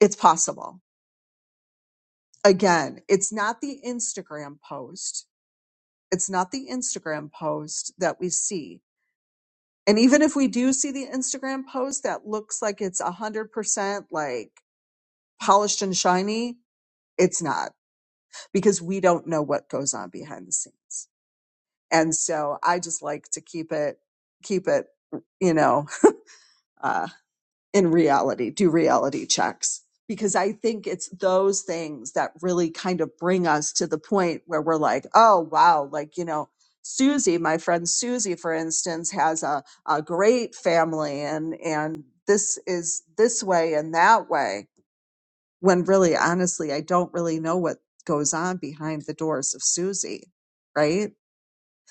S1: It's possible. Again, it's not the Instagram post. It's not the Instagram post that we see. And even if we do see the Instagram post that looks like it's 100% like polished and shiny, it's not because we don't know what goes on behind the scenes And so I just like to keep it, keep it, you know, uh, in reality, do reality checks because I think it's those things that really kind of bring us to the point where we're like, oh, wow, like, you know, Susie, my friend Susie, for instance, has a, a great family and, and this is this way and that way. When really, honestly, I don't really know what goes on behind the doors of Susie, right?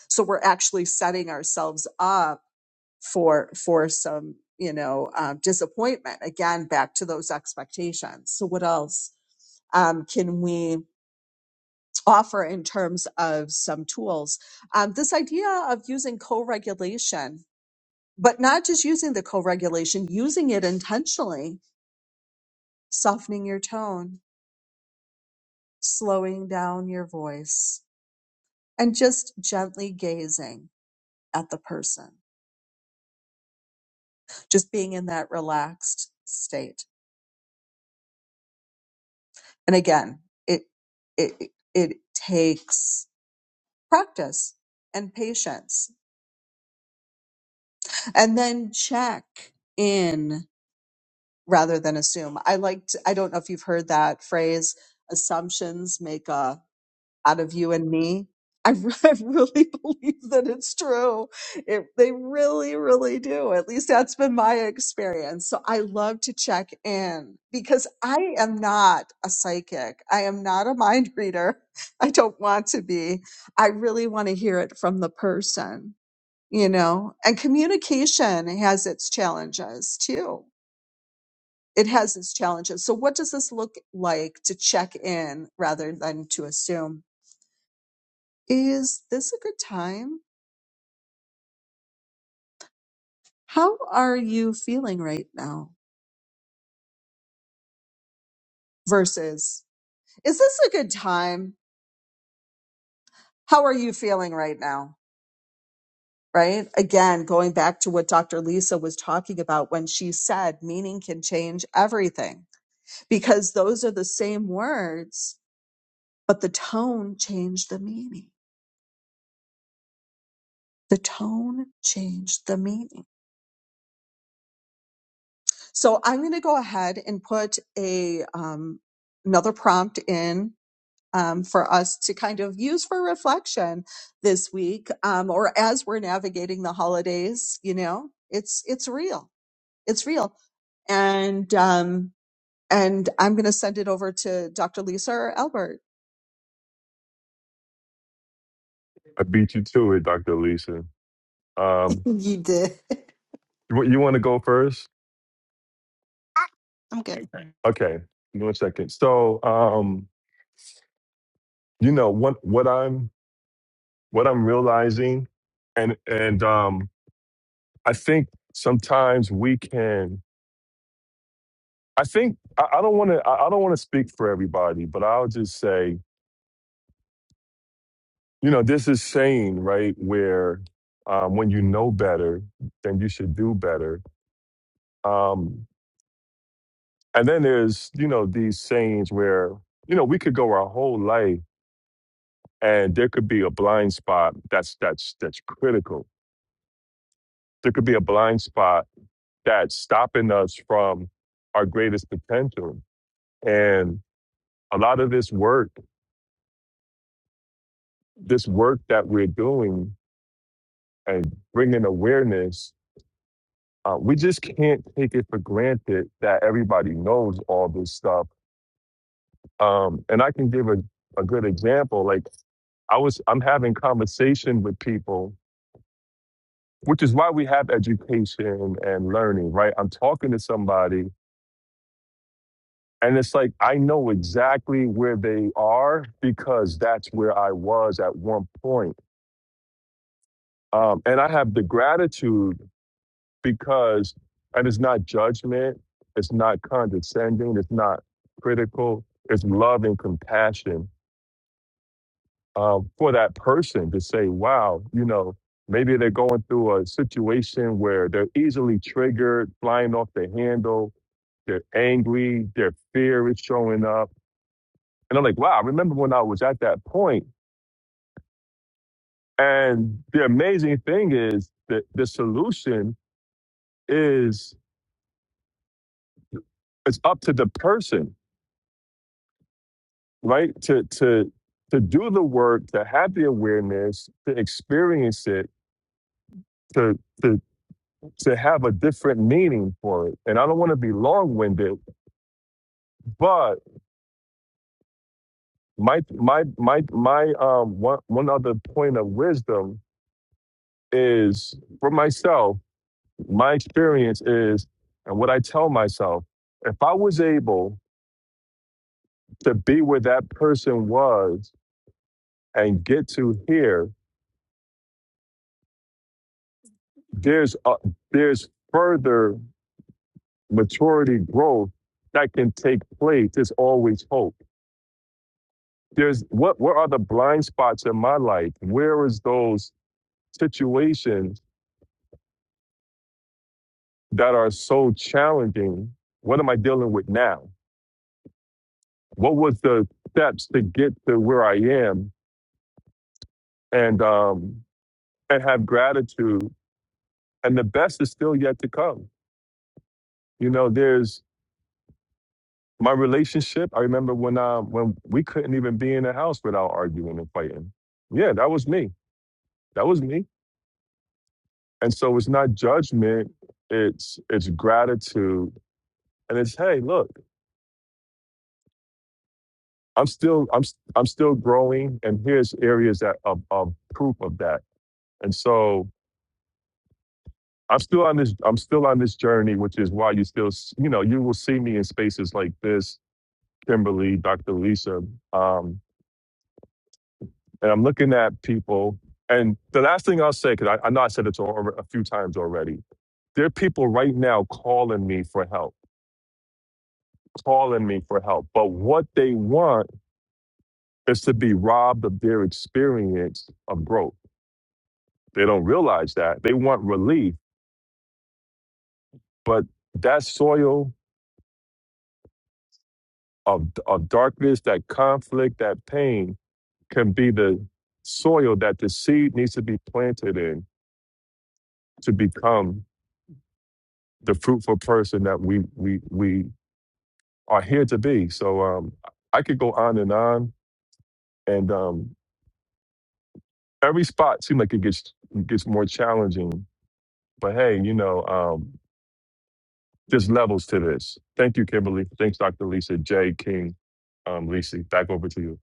S1: so we're actually setting ourselves up for for some you know um, disappointment again back to those expectations so what else um, can we offer in terms of some tools um, this idea of using co-regulation but not just using the co-regulation using it intentionally softening your tone slowing down your voice and just gently gazing at the person just being in that relaxed state And again, it it it takes practice and patience. And then check in rather than assume. I liked I don't know if you've heard that phrase assumptions make a out of you and me. I, re- I really believe that it's true. It, they really, really do. At least that's been my experience. So I love to check in because I am not a psychic. I am not a mind reader. I don't want to be. I really want to hear it from the person, you know, and communication has its challenges too. It has its challenges. So what does this look like to check in rather than to assume? is this a good time? How are you feeling right now? Versus, is this a good time? How are you feeling right now? Right? Again, going back to what Dr. Lisa was talking about when she said meaning can change everything, because those are the same words, but the tone changed the meaning. The tone changed the meaning. So I'm going to go ahead and put a um, another prompt in um, for us to kind of use for reflection this week um, or as we're navigating the holidays you know it's it's real it's real and um, and i'm going to send it over to dr lisa or albert
S3: I beat you to it, Dr. Lisa. Um,
S2: you did.
S3: you, you want to go first?
S2: I'm good.
S3: Okay, give me one second. So, um, you know what what I'm what I'm realizing, and and um, I think sometimes we can. I think I, I don't want to. I, I don't want to speak for everybody, but I'll just say, you know, this is saying right where um, when you know better, then you should do better. Um, and then there's you know these sayings where you know we could go our whole life and there could be a blind spot that's that's that's critical there could be a blind spot that's stopping us from our greatest potential. And a lot of this work, this work that we're doing and bringing awareness, uh, we just can't take it for granted that everybody knows all this stuff. Um, and I can give a, a good example. Like I was, I'm having conversation with people, which is why we have education and learning, right? I'm talking to somebody And it's like, I know exactly where they are because that's where I was at one point. Um, and I have the gratitude because, and it's not judgment, it's not condescending, it's not critical, it's love and compassion um, for that person to say, wow, you know, maybe they're going through a situation where they're easily triggered, flying off the handle, they're angry, their fear is showing up. And I'm like, wow, I remember when I was at that point And the amazing thing is that the solution is it's up to the person, right? To to to do the work, to have the awareness, to experience it, to to to have a different meaning for it. And I don't want to be long-winded, but my my my my um one one other point of wisdom is for myself, my experience is and what I tell myself, if I was able to be where that person was and get to here, there's a, there's further maturity growth that can take place. There's always hope. There's what what are the blind spots in my life? Where is those situations that are so challenging? What am I dealing with now? What was the steps to get to where I am and um and have gratitude and the best is still yet to come. You know, there's My relationship, I remember when uh when we couldn't even be in the house without arguing and fighting. Yeah, that was me. That was me. And so it's not judgment, it's it's gratitude. And it's hey, look, I'm still I'm s- I'm still growing and here's areas that of, of proof of that. And so I'm still on this I'm still on this journey, which is why you still s- you know, you will see me in spaces like this, Kimberly, Dr. Lisa. Um, and I'm looking at people. And the last thing I'll say, because I, I know I said it to al- a few times already, there are people right now calling me for help, calling me for help. But what they want is to be robbed of their experience of growth. They don't realize that. They want relief, but that soil of, of darkness, that conflict, that pain can be the soil that the seed needs to be planted in to become the fruitful person that we we we are here to be. So um, I could go on and on, and um, every spot seems like it gets gets more challenging. But hey, you know, um, there's levels to this. Thank you, Kimberly. Thanks, Dr. Lisa J. King. Um, Lisa, back over to you.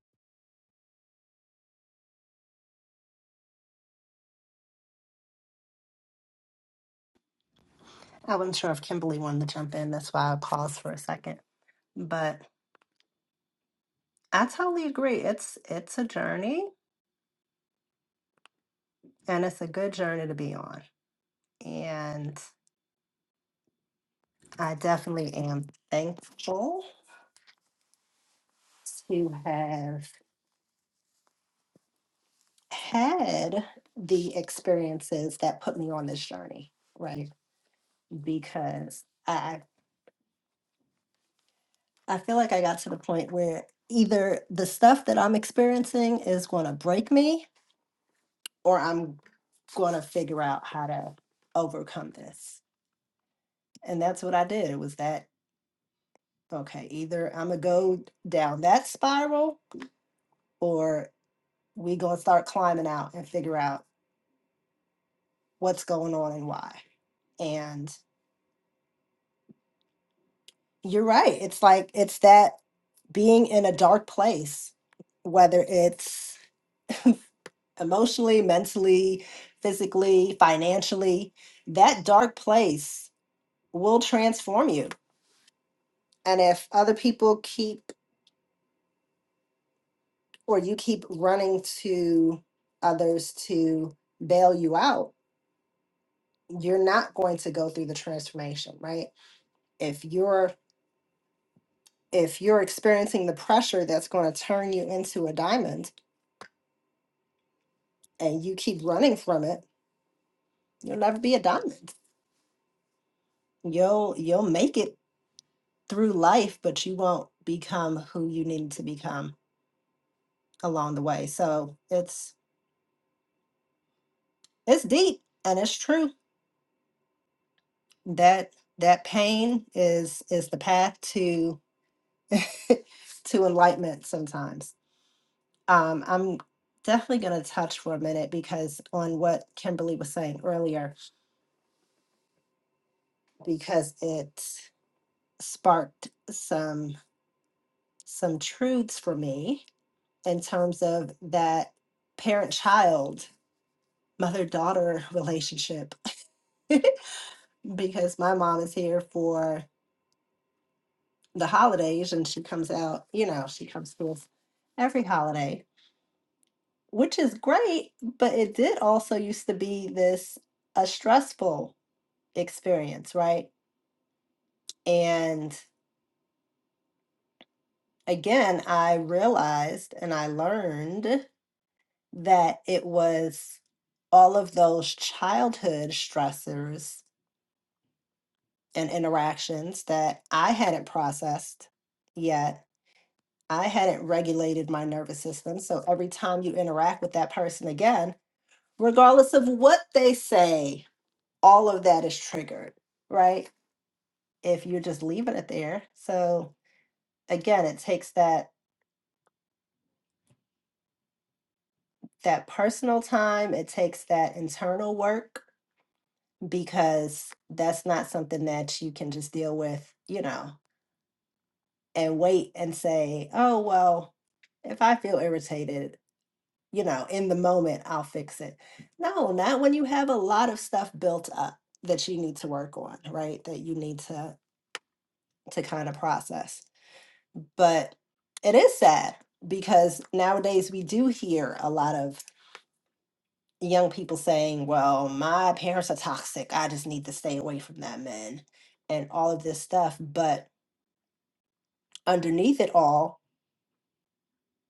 S2: I wasn't sure if Kimberly wanted to jump in. That's why I paused for a second. But I totally agree. It's it's a journey and it's a good journey to be on. And I definitely am thankful to have had the experiences that put me on this journey, right? Because I I feel like I got to the point where either the stuff I'm experiencing is going to break me or I'm going to figure out how to overcome this. And that's what I did. It was that okay, either I'm going to go down that spiral or we going to start climbing out and figure out what's going on and why. And you're right. It's like it's that being in a dark place, whether it's emotionally, mentally, physically, financially, that dark place will transform you. And if other people keep or you keep running to others to bail you out, you're not going to go through the transformation, right? If you're if you're experiencing the pressure that's going to turn you into a diamond and you keep running from it, you'll never be a diamond. You'll you'll make it through life, but you won't become who you needed to become along the way. So it's it's deep and it's true that that pain is is the path to to enlightenment sometimes. Um, I'm definitely going to touch for a minute because on what Kimberly was saying earlier because it sparked some some truths for me in terms of that parent child mother daughter relationship because my mom is here for the holidays and she comes out, you know, she comes to us every holiday, which is great, but it did also used to be this a stressful experience, right? And again, I realized and I learned that it was all of those childhood stressors and interactions that I hadn't processed yet I hadn't regulated my nervous system. So every time you interact with that person again, regardless of what they say, all of that is triggered, right? If you're just leaving it there. So again, it takes that that personal time, it takes that internal work because that's not something that you can just deal with, you know, and wait and say, "Oh, well, if I feel irritated, you know, in the moment, I'll fix it. No, not when you have a lot of stuff built up that you need to work on, right? That you need to to kind of process. But it is sad because nowadays we do hear a lot of young people saying, "Well, my parents are toxic. I just need to stay away from them," and and all of this stuff, but underneath it all,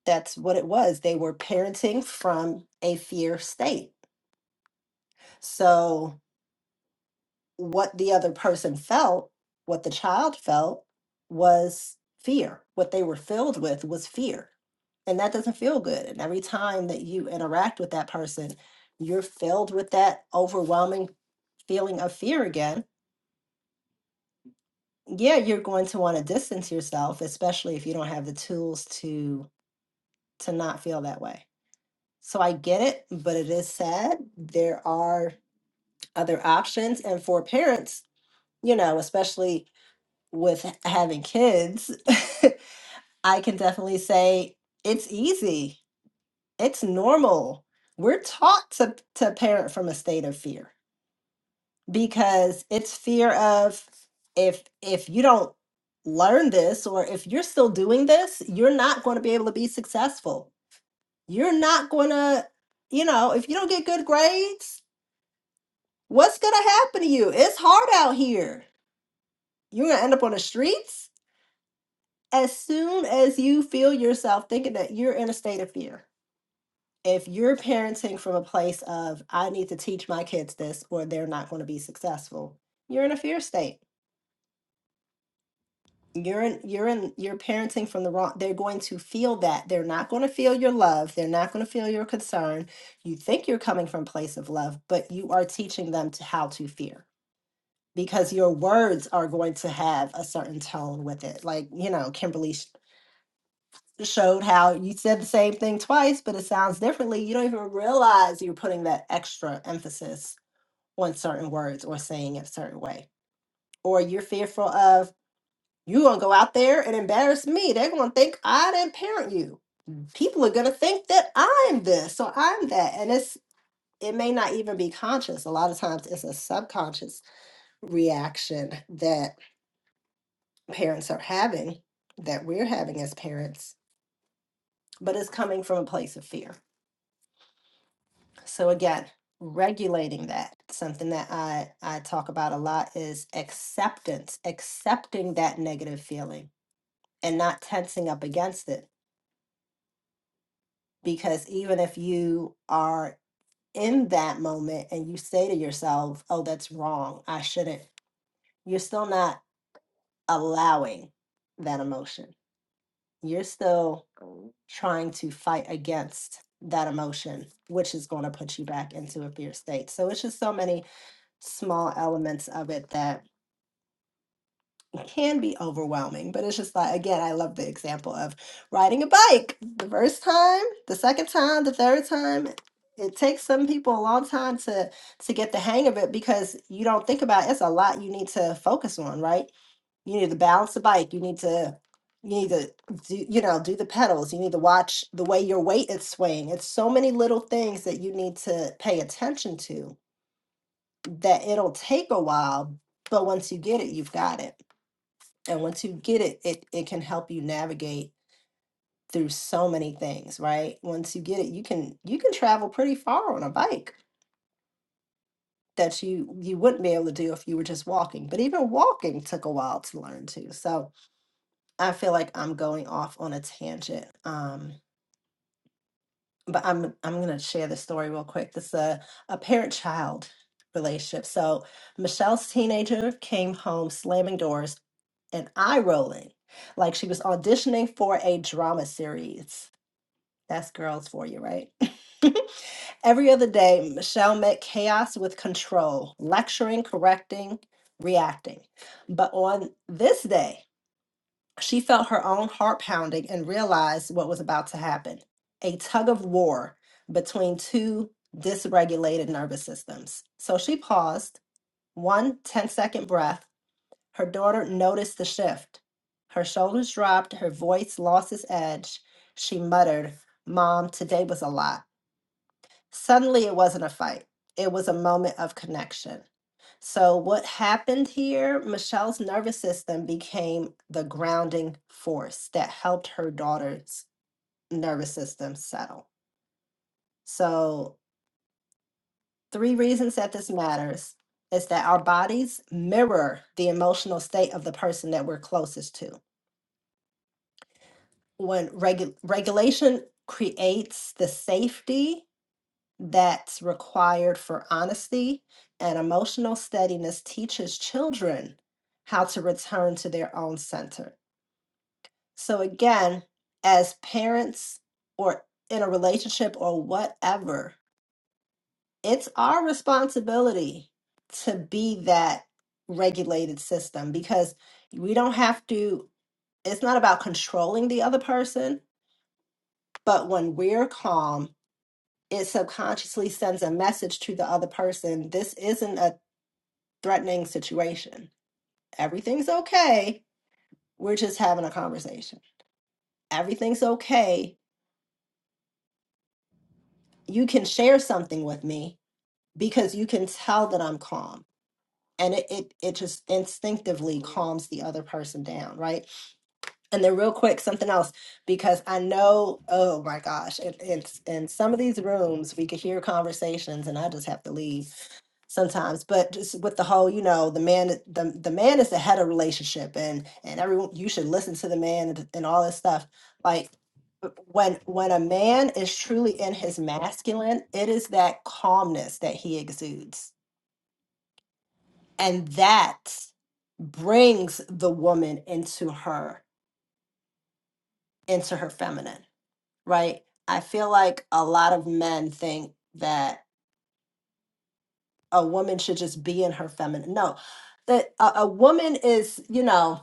S2: that's what it was. They were parenting from a fear state. So, what the other person felt, what the child felt was fear. What they were filled with was fear. And that doesn't feel good. And every time that you interact with that person, you're filled with that overwhelming feeling of fear again. Yeah, you're going to want to distance yourself, especially if you don't have the tools to to not feel that way. So I get it, but it is sad. There are other options and for parents, you know, especially with h- having kids, I can definitely say it's easy. It's normal. We're taught to, to parent from a state of fear because it's fear of if if you don't learn this or if you're still doing this, you're not going to be able to be successful. You're not going to, you know, if you don't get good grades, what's going to happen to you? It's hard out here. You're going to end up on the streets as soon as you feel yourself thinking that you're in a state of fear, if you're parenting from a place of, I need to teach my kids this or they're not going to be successful, you're in a fear state. You're in, you're in, you're parenting from the wrong, they're going to feel that. They're not going to feel your love. They're not going to feel your concern. You think you're coming from a place of love, but you are teaching them to how to fear because your words are going to have a certain tone with it. Like, you know, Kimberly showed how you said the same thing twice, but it sounds differently. You don't even realize you're putting that extra emphasis on certain words or saying it a certain way. Or you're fearful of you're gonna go out there and embarrass me. They're gonna think I didn't parent you. People are gonna think that I'm this or I'm that. And it's it may not even be conscious. A lot of times it's a subconscious reaction that parents are having, that we're having as parents, but it's coming from a place of fear. So again, regulating that, something that I, I talk about a lot is acceptance, accepting that negative feeling and not tensing up against it. Because even if you are in that moment and you say to yourself, oh, that's wrong, I shouldn't, you're still not allowing that emotion. You're still trying to fight against that emotion, which is going to put you back into a fear state. So it's just so many small elements of it that can be overwhelming, but it's just like, again, I love the example of riding a bike the first time, the second time, the third time. It takes some people a long time to to get the hang of it because you don't think about it's a lot you need to focus on, right? You need to balance the bike, you need to you need to do, you know, do the pedals, you need to watch the way your weight is swaying. It's so many little things that you need to pay attention to that it'll take a while, but once you get it, you've got it. And once you get it, it it can help you navigate through so many things, right? Once you get it, you can you can travel pretty far on a bike that you you wouldn't be able to do if you were just walking. But even walking took a while to learn too. So I feel like I'm going off on a tangent. Um, but I'm I'm gonna share the story real quick. This is a, a parent-child relationship. So Michelle's teenager came home slamming doors and eye rolling, like she was auditioning for a drama series. That's girls for you, right? Every other day, Michelle met chaos with control, lecturing, correcting, reacting. But on this day, she felt her own heart pounding and realized what was about to happen a tug of war between two dysregulated nervous systems. So she paused, one ten-second breath. Her daughter noticed the shift. Her shoulders dropped, her voice lost its edge. She muttered, Mom, today was a lot. Suddenly, it wasn't a fight, it was a moment of connection. So, what happened here? Michelle's nervous system became the grounding force that helped her daughter's nervous system settle. So, three reasons that this matters is that our bodies mirror the emotional state of the person that we're closest to. When regu- regulation creates the safety that's required for honesty, and emotional steadiness teaches children how to return to their own center. So again, as parents or in a relationship or whatever, it's our responsibility to be that regulated system because we don't have to, it's not about controlling the other person, but when we're calm, it subconsciously sends a message to the other person this isn't a threatening situation. Everything's okay. We're just having a conversation. Everything's okay. You can share something with me because you can tell that I'm calm. And it, it, it just instinctively calms the other person down, right? And then, real quick, something else, because I know, oh my gosh, it, it's in some of these rooms, we could hear conversations, and I just have to leave sometimes but just with the whole you know the man the, the man is the head of relationship and and everyone you should listen to the man and, and all this stuff like when when a man is truly in his masculine it is that calmness that he exudes and that brings the woman into her into her feminine right i feel like a lot of men think that a woman should just be in her feminine no that a, a woman is you know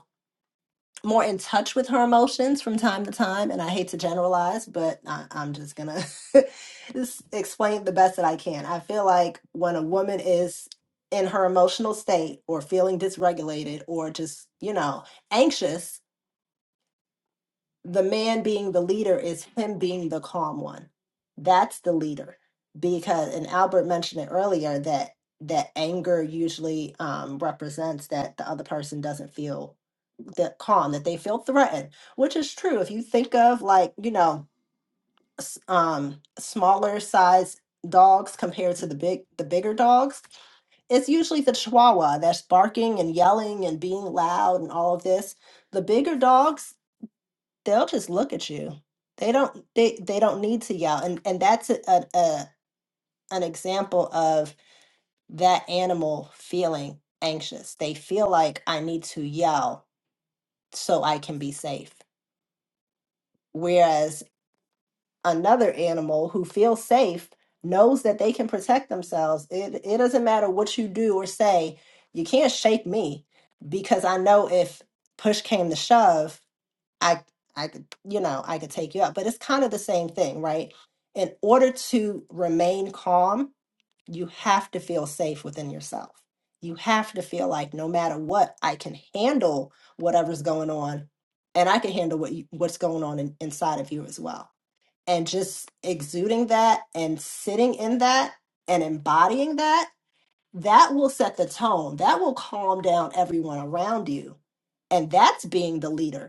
S2: more in touch with her emotions from time to time and i hate to generalize but I, i'm just gonna just explain it the best that i can i feel like when a woman is in her emotional state or feeling dysregulated or just you know anxious the man being the leader is him being the calm one. That's the leader. Because and Albert mentioned it earlier that that anger usually um, represents that the other person doesn't feel that calm, that they feel threatened, which is true. If you think of like you know s- um, smaller size dogs compared to the big the bigger dogs, it's usually the Chihuahua that's barking and yelling and being loud and all of this. The bigger dogs they'll just look at you. They don't they they don't need to yell. And and that's a, a, a an example of that animal feeling anxious. They feel like I need to yell so I can be safe. Whereas another animal who feels safe knows that they can protect themselves. It it doesn't matter what you do or say. You can't shake me because I know if push came to shove, I I could, you know, I could take you out. But it's kind of the same thing, right? In order to remain calm, you have to feel safe within yourself. You have to feel like no matter what, I can handle whatever's going on, and I can handle what you, what's going on in, inside of you as well. And just exuding that and sitting in that and embodying that, that will set the tone. That will calm down everyone around you. And that's being the leader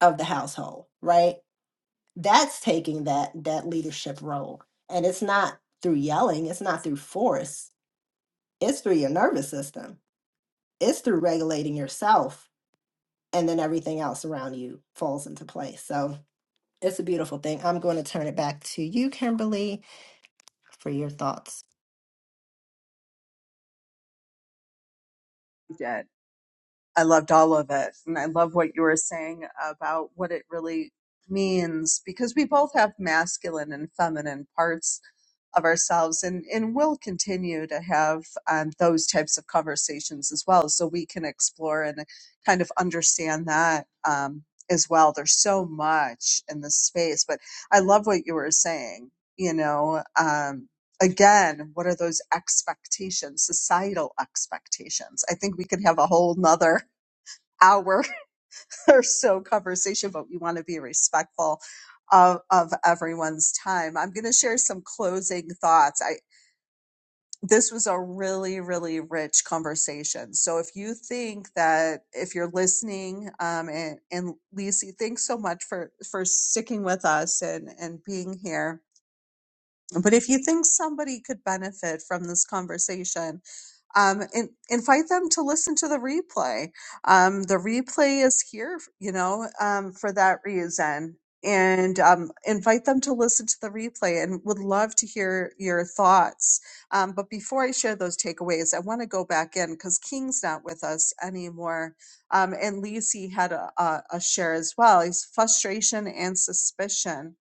S2: of the household, right? That's taking that that leadership role. And it's not through yelling, it's not through force. It's through your nervous system. It's through regulating yourself and then everything else around you falls into place. So, it's a beautiful thing. I'm going to turn it back to you, Kimberly, for your thoughts.
S1: I loved all of it. And I love what you were saying about what it really means because we both have masculine and feminine parts of ourselves and, and we will continue to have um, those types of conversations as well. So we can explore and kind of understand that um, as well. There's so much in this space, but I love what you were saying. You know, um, again, what are those expectations, societal expectations? I think we could have a whole nother hour or so conversation, but we want to be respectful of, of everyone's time. I'm going to share some closing thoughts. I this was a really really rich conversation. So if you think that if you're listening, um, and, and Lisi, thanks so much for for sticking with us and and being here. But if you think somebody could benefit from this conversation, um, and invite them to listen to the replay. Um, the replay is here, you know, um, for that reason. And um, invite them to listen to the replay and would love to hear your thoughts. Um, but before I share those takeaways, I want to go back in because King's not with us anymore. Um, and Lisi had a, a, a share as well. He's frustration and suspicion,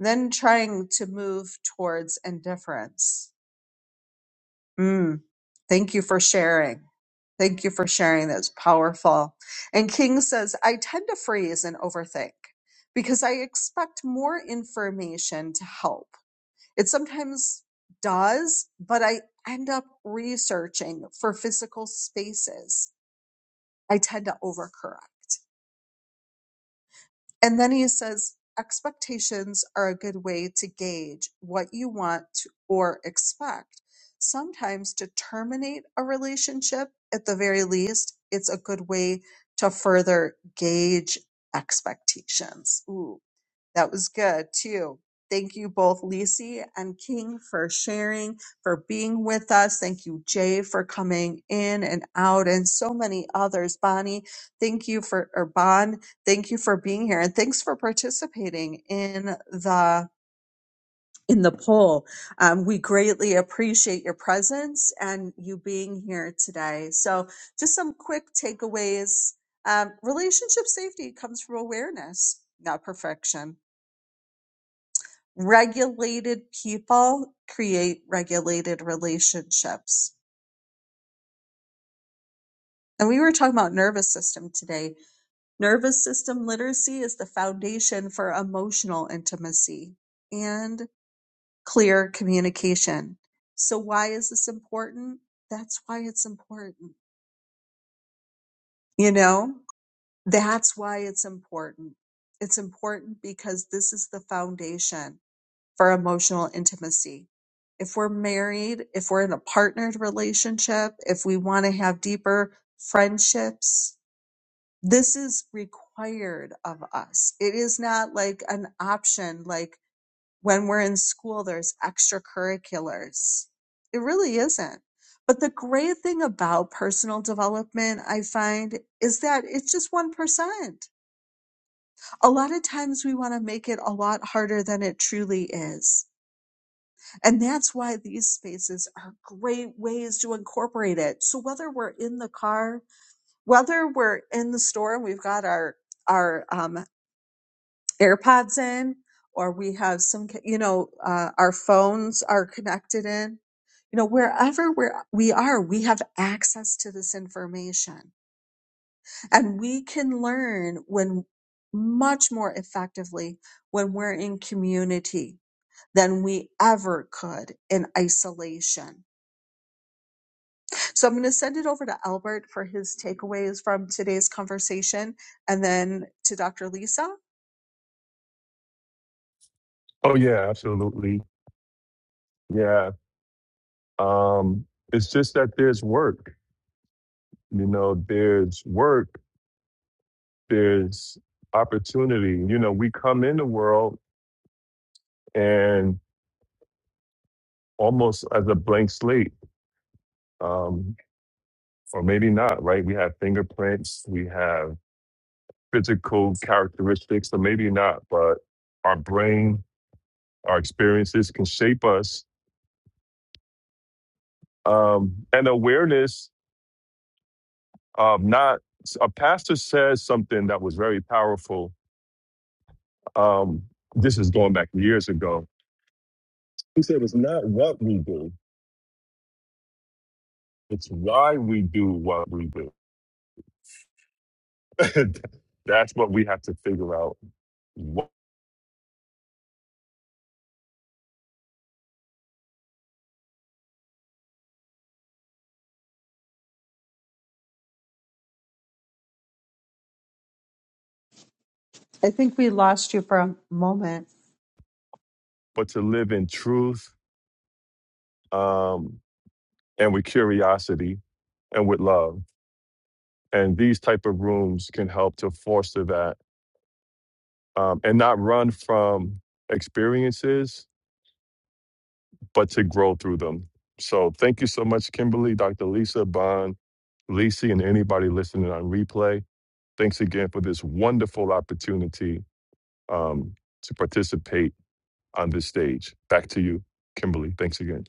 S1: then trying to move towards indifference. Hmm. Thank you for sharing. Thank you for sharing. That's powerful. And King says, I tend to freeze and overthink because I expect more information to help. It sometimes does, but I end up researching for physical spaces. I tend to overcorrect. And then he says, expectations are a good way to gauge what you want to, or expect. Sometimes to terminate a relationship, at the very least, it's a good way to further gauge expectations. Ooh. That was good too. Thank you both, Lisi and King, for sharing, for being with us. Thank you, Jay, for coming in and out, and so many others. Bonnie, thank you for, or Bon, thank you for being here, and thanks for participating in the in the poll. Um, we greatly appreciate your presence and you being here today. So, just some quick takeaways um, relationship safety comes from awareness, not perfection regulated people create regulated relationships. And we were talking about nervous system today. Nervous system literacy is the foundation for emotional intimacy and clear communication. So why is this important? That's why it's important. You know, that's why it's important. It's important because this is the foundation for emotional intimacy. If we're married, if we're in a partnered relationship, if we want to have deeper friendships, this is required of us. It is not like an option, like when we're in school, there's extracurriculars. It really isn't. But the great thing about personal development, I find, is that it's just 1%. A lot of times we want to make it a lot harder than it truly is And that's why these spaces are great ways to incorporate it. So whether we're in the car, whether we're in the store and we've got our, our, um, AirPods in, or we have some, you know, uh, our phones are connected in, you know, wherever we're, we are, we have access to this information and we can learn when much more effectively when we're in community than we ever could in isolation So I'm going to send it over to Albert for his takeaways from today's conversation and then to Dr. Lisa.
S3: Oh yeah, absolutely. Yeah. Um, it's just that there's work. You know, there's work. There's opportunity. You know, we come in the world and almost as a blank slate. Um, or maybe not, right? We have fingerprints, we have physical characteristics, so maybe not, but our brain, our experiences can shape us. Um, and awareness of not, a pastor says something that was very powerful. Um, this is going back years ago. He said, It's not what we do, it's why we do what we do. That's what we have to figure out. What,
S1: I think we lost you for a moment.
S3: but to live in truth um, and with curiosity and with love. And these type of rooms can help to foster that um, and not run from experiences, but to grow through them. So thank you so much, Kimberly, Dr. Lisa, Bond, Lisi, and anybody listening on replay. Thanks again for this wonderful opportunity um, to participate on this stage. Back to you, Kimberly. Thanks again.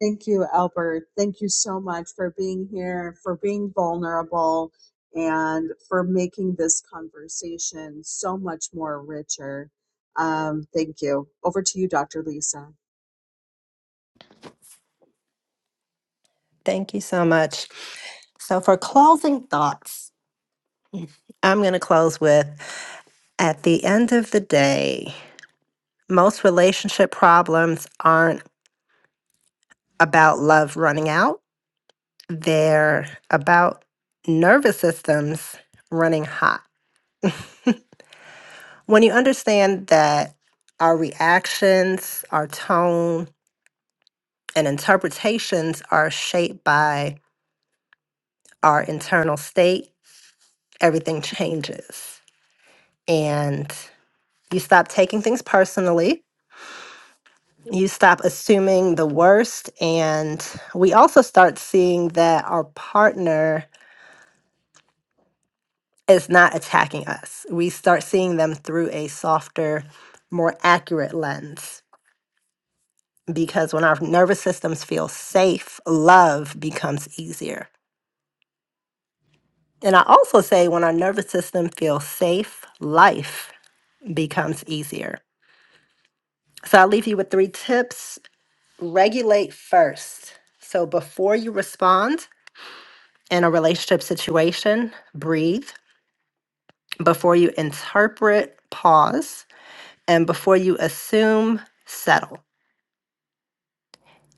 S1: Thank you, Albert. Thank you so much for being here, for being vulnerable, and for making this conversation so much more richer. Um, thank you. Over to you, Dr. Lisa.
S2: Thank you so much. So, for closing thoughts, I'm going to close with at the end of the day, most relationship problems aren't about love running out. they're about nervous systems running hot. When you understand that our reactions, our tone, and interpretations are shaped by our internal state, everything changes. And you stop taking things personally. You stop assuming the worst. And we also start seeing that our partner is not attacking us. We start seeing them through a softer, more accurate lens because when our nervous systems feel safe, love becomes easier. And I also say when our nervous system feels safe, life becomes easier. So I'll leave you with three tips. Regulate first. So before you respond in a relationship situation, breathe. Before you interpret, pause. And before you assume, settle.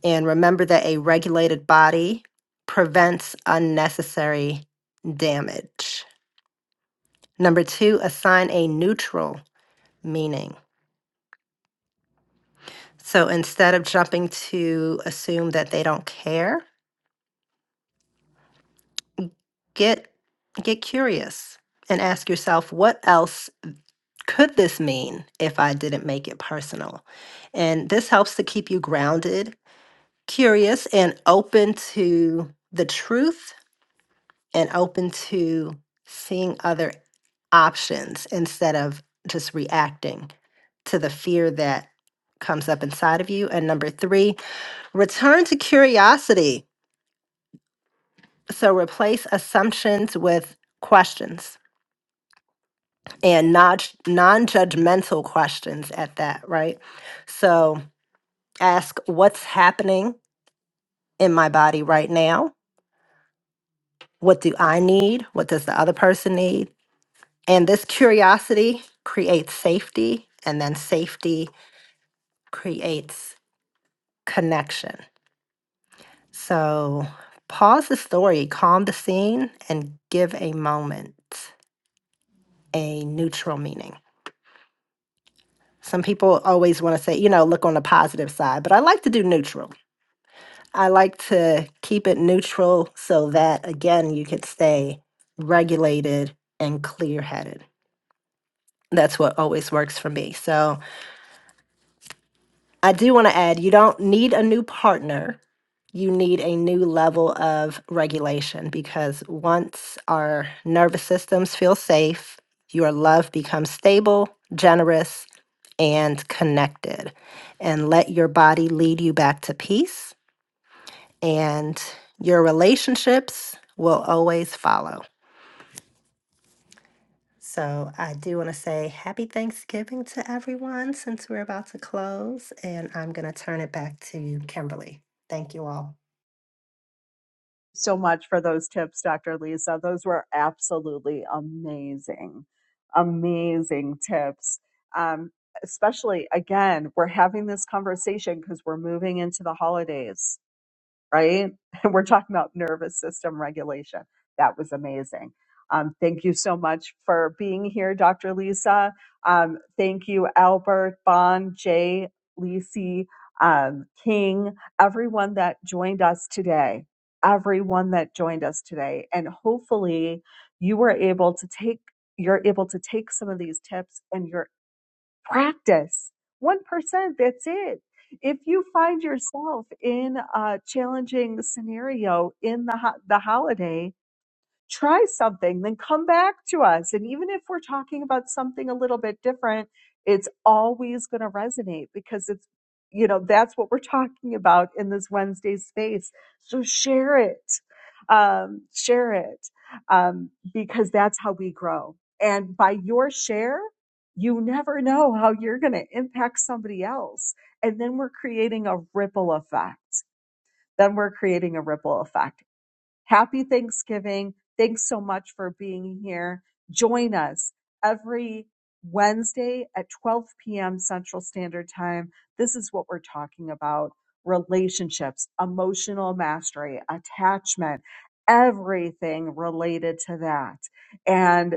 S2: And remember that a regulated body prevents unnecessary damage. Number two, assign a neutral meaning. So instead of jumping to assume that they don't care, get get curious and ask yourself what else could this mean if I didn't make it personal? And this helps to keep you grounded, curious and open to the truth and open to seeing other options instead of just reacting to the fear that comes up inside of you. And number three, return to curiosity. So replace assumptions with questions and not non-judgmental questions at that, right? So ask what's happening in my body right now? What do I need? What does the other person need? And this curiosity creates safety, and then safety creates connection. So pause the story, calm the scene, and give a moment a neutral meaning. Some people always want to say, you know, look on the positive side, but I like to do neutral. I like to keep it neutral so that, again, you could stay regulated and clear headed. That's what always works for me. So I do want to add you don't need a new partner you need a new level of regulation because once our nervous systems feel safe, your love becomes stable, generous, and connected. And let your body lead you back to peace, and your relationships will always follow. So, I do want to say happy Thanksgiving to everyone since we're about to close, and I'm going to turn it back to Kimberly. Thank you all.
S1: so much for those tips, Dr. Lisa. Those were absolutely amazing, amazing tips. Um, especially again, we're having this conversation because we're moving into the holidays right? And we're talking about nervous system regulation. That was amazing. Um, thank you so much for being here, Dr. Lisa. Um, thank you, Albert, Bond, Jay, Lisi, um, King, everyone that joined us today. Everyone that joined us today. And hopefully you were able to take you're able to take some of these tips and you're practice 1% that's it if you find yourself in a challenging scenario in the ho- the holiday try something, then come back to us. And even if we're talking about something a little bit different, it's always going to resonate because it's, you know, that's what we're talking about in this Wednesday space. So share it, um, share it, um, because that's how we grow. And by your share, you never know how you're going to impact somebody else. And then we're creating a ripple effect. Then we're creating a ripple effect Happy Thanksgiving. Thanks so much for being here. Join us every Wednesday at 12 p.m. Central Standard Time. This is what we're talking about relationships, emotional mastery, attachment, everything related to that. And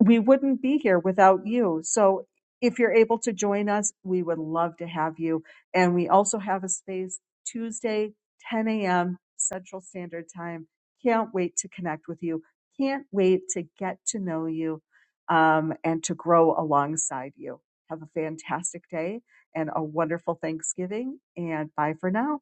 S1: we wouldn't be here without you. So if you're able to join us, we would love to have you. And we also have a space Tuesday, 10 a.m. Central Standard Time. Can't wait to connect with you. Can't wait to get to know you um, and to grow alongside you. Have a fantastic day and a wonderful Thanksgiving. And bye for now.